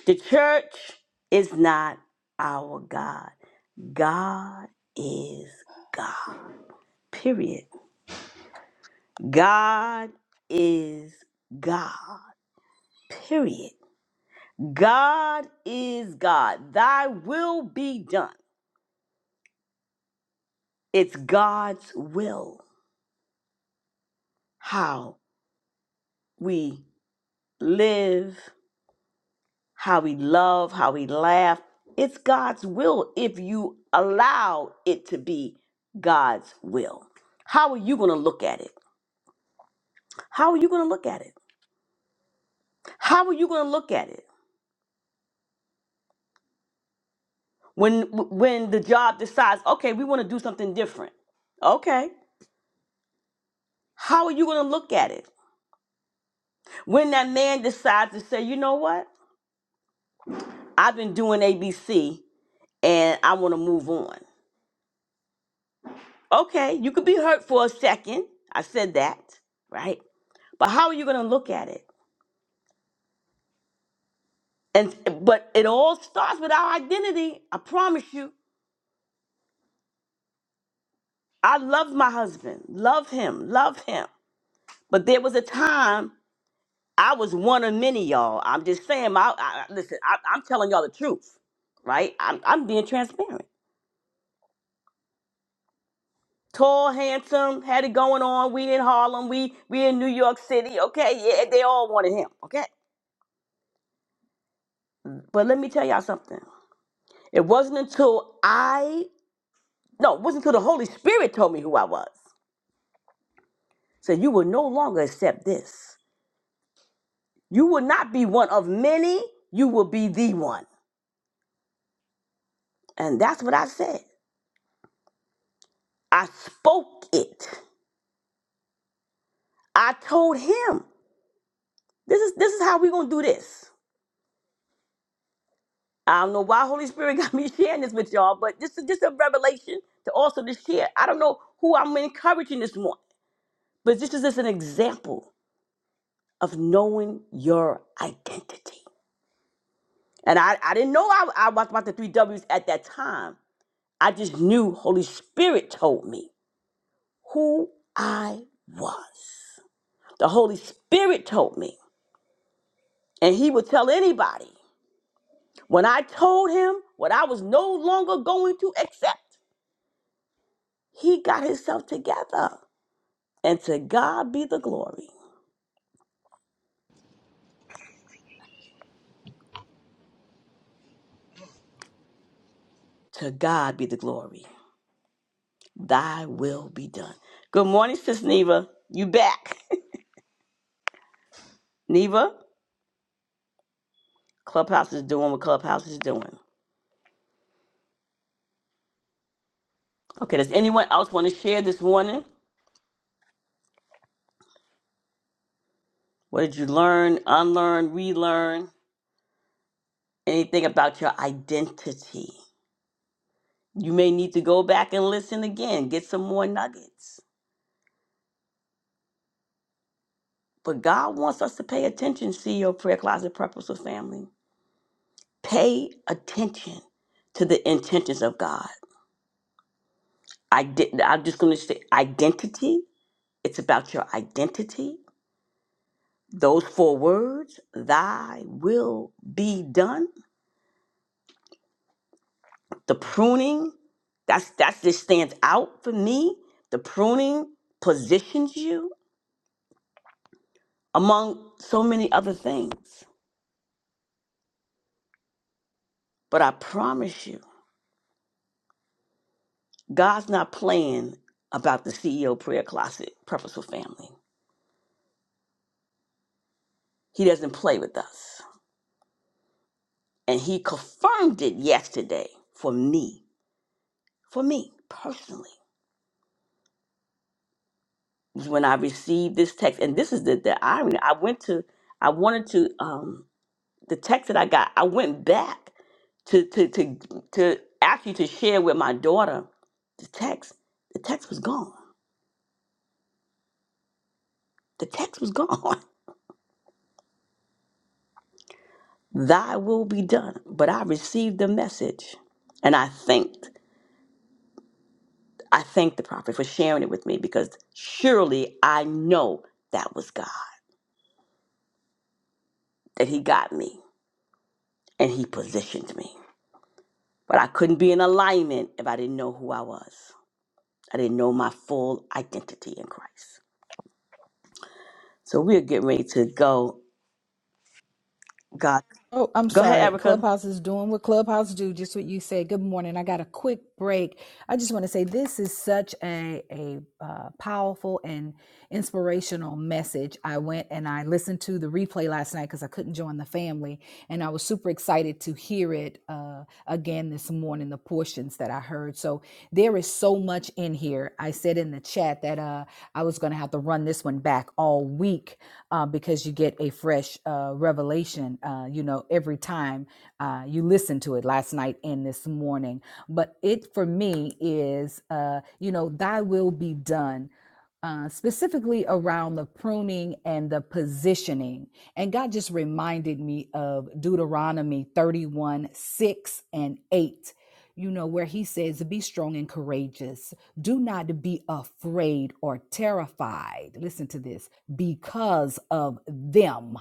[SPEAKER 1] The church is not our God. God is God. Period. God is God. Period. God is God. Thy will be done. It's God's will how we live, how we love, how we laugh. It's God's will if you allow it to be God's will. How are you going to look at it? How are you going to look at it? How are you going to look at it? When when the job decides, "Okay, we want to do something different." Okay. How are you going to look at it? When that man decides to say, "You know what? I've been doing ABC and I want to move on." Okay, you could be hurt for a second. I said that, right? But how are you going to look at it? And but it all starts with our identity. I promise you. I loved my husband. Love him. Love him. But there was a time I was one of many, y'all. I'm just saying. My I, I- listen. I, I'm telling y'all the truth, right? I'm, I'm being transparent. Tall, handsome, had it going on. We in Harlem. We we in New York City. Okay, yeah, they all wanted him. Okay, but let me tell y'all something. It wasn't until I, no, it wasn't until the Holy Spirit told me who I was. Said, You will no longer accept this. You will not be one of many, you will be the one. And that's what I said. I spoke it. I told him, This is this is how we're gonna do this. I don't know why Holy Spirit *laughs* got me sharing this with y'all, but this is just a revelation to also to share. I don't know who I'm encouraging this morning, but this is just an example of knowing your identity. And I, I didn't know I, I was about the three W's at that time. I just knew Holy Spirit told me who I was. The Holy Spirit told me. And he would tell anybody. When I told him what I was no longer going to accept, he got himself together. And to God be the glory. To God be the glory. Thy will be done. Good morning, Sis Neva. You back. *laughs* Neva, Clubhouse is doing what Clubhouse is doing. Okay, does anyone else want to share this morning? What did you learn, unlearn, relearn? Anything about your identity? You may need to go back and listen again, get some more nuggets. But God wants us to pay attention, CEO Prayer Closet Purposeful Family. Pay attention to the intentions of God. I did, I'm just going to say identity. It's about your identity. Those four words, thy will be done the pruning that's that's just stands out for me the pruning positions you among so many other things but i promise you god's not playing about the ceo prayer closet purposeful family he doesn't play with us and he confirmed it yesterday for me for me personally when i received this text and this is the, the irony i went to i wanted to um. the text that I got, I went back to to to to ask you to share with my daughter the text. The text was gone. The text was gone. *laughs* Thy will be done. But I received the message, and I thanked I thanked the prophet for sharing it with me because surely I know that was God that He got me and He positioned me. But I couldn't be in alignment if I didn't know who I was. I didn't know my full identity in Christ. So we are getting ready to go God.
[SPEAKER 13] Oh, I'm
[SPEAKER 1] Go ahead,
[SPEAKER 13] sorry.
[SPEAKER 1] Erica.
[SPEAKER 13] Clubhouse is doing what Clubhouse do, just what you said. Good morning. I got a quick break. I just want to say this is such a a uh, powerful and inspirational message. I went and I listened to the replay last night because I couldn't join the family. And I was super excited to hear it uh, again this morning, the portions that I heard. So there is so much in here. I said in the chat that uh, I was going to have to run this one back all week uh, because you get a fresh uh, revelation, uh, you know, every time uh, you listen to it last night and this morning. But it for me is, uh, you know, thy will be done uh, specifically around the pruning and the positioning. And God just reminded me of Deuteronomy 31 6 and 8, you know, where he says, Be strong and courageous. Do not be afraid or terrified. Listen to this because of them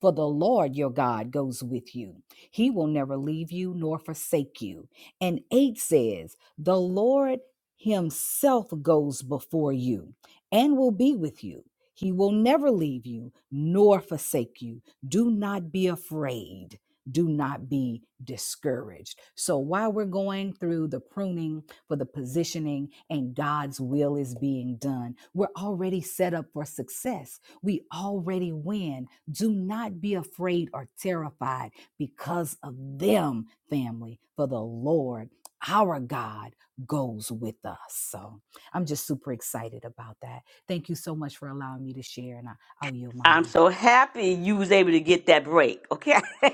[SPEAKER 13] for the Lord your God goes with you. He will never leave you nor forsake you. And 8 says, The Lord himself goes before you and will be with you. He will never leave you nor forsake you. Do not be afraid. Do not be discouraged. So, while we're going through the pruning for the positioning and God's will is being done, we're already set up for success. We already win do not be afraid or terrified because of them, family, for the Lord our God goes with us. So I'm just super excited about that. Thank you so much for allowing me to share, and I, I'll yield my
[SPEAKER 1] I'm
[SPEAKER 13] mic.
[SPEAKER 1] so happy you was able to get that break. Okay. *laughs*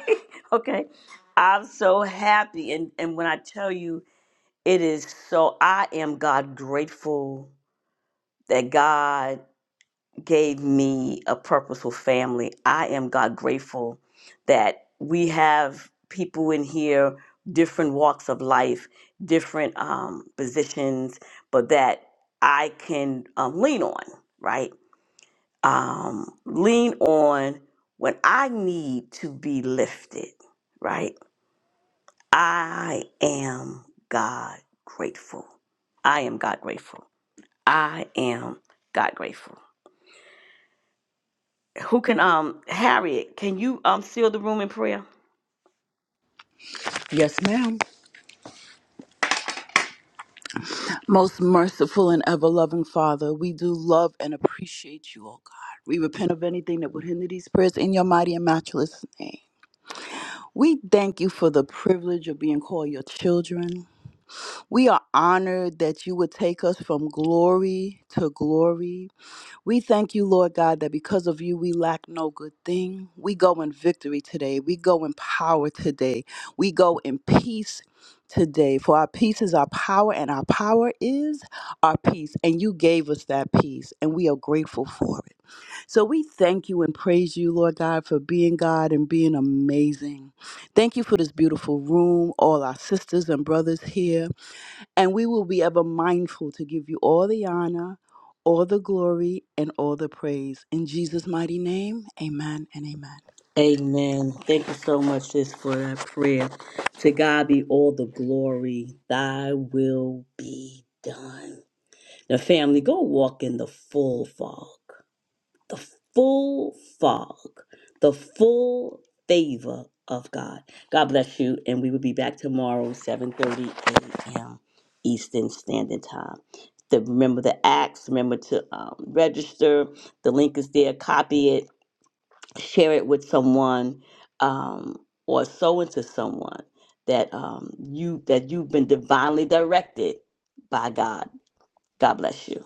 [SPEAKER 1] okay. I'm so happy. And and when I tell you it is so I am God grateful that God gave me a purposeful family. I am God grateful that we have people in here, different walks of life, different um, positions, but that I can um, lean on, right? um, lean on when I need to be lifted, right? I am God grateful. I am God grateful. I am God grateful. Who can um Harriet, can you um seal the room in prayer?
[SPEAKER 12] Yes, ma'am. Most merciful and ever loving Father, we do love and appreciate you, O God. We repent of anything that would hinder these prayers in your mighty and matchless name. We thank you for the privilege of being called your children. We are honored that you would take us from glory to glory. We thank you, Lord God, that because of you, we lack no good thing. We go in victory today. We go in power today. We go in peace today. For our peace is our power, and our power is our peace. And you gave us that peace, and we are grateful for it. So we thank you and praise you, Lord God, for being God and being amazing. Thank you for this beautiful room, all our sisters and brothers here. And we will be ever mindful to give you all the honor, all the glory, and all the praise. In Jesus' mighty name, amen and amen.
[SPEAKER 1] Amen. Thank you so much, sis, for that prayer. To God be all the glory. Thy will be done. Now, family, go walk in the full fog. the full fog, the full favor of God. God bless you, and we will be back tomorrow, 7:30 a.m. Eastern Standard Time. The, remember the acts. Remember to um, register. The link is there. Copy it. Share it with someone, um, or sow into someone that um, you that you've been divinely directed by God. God bless you.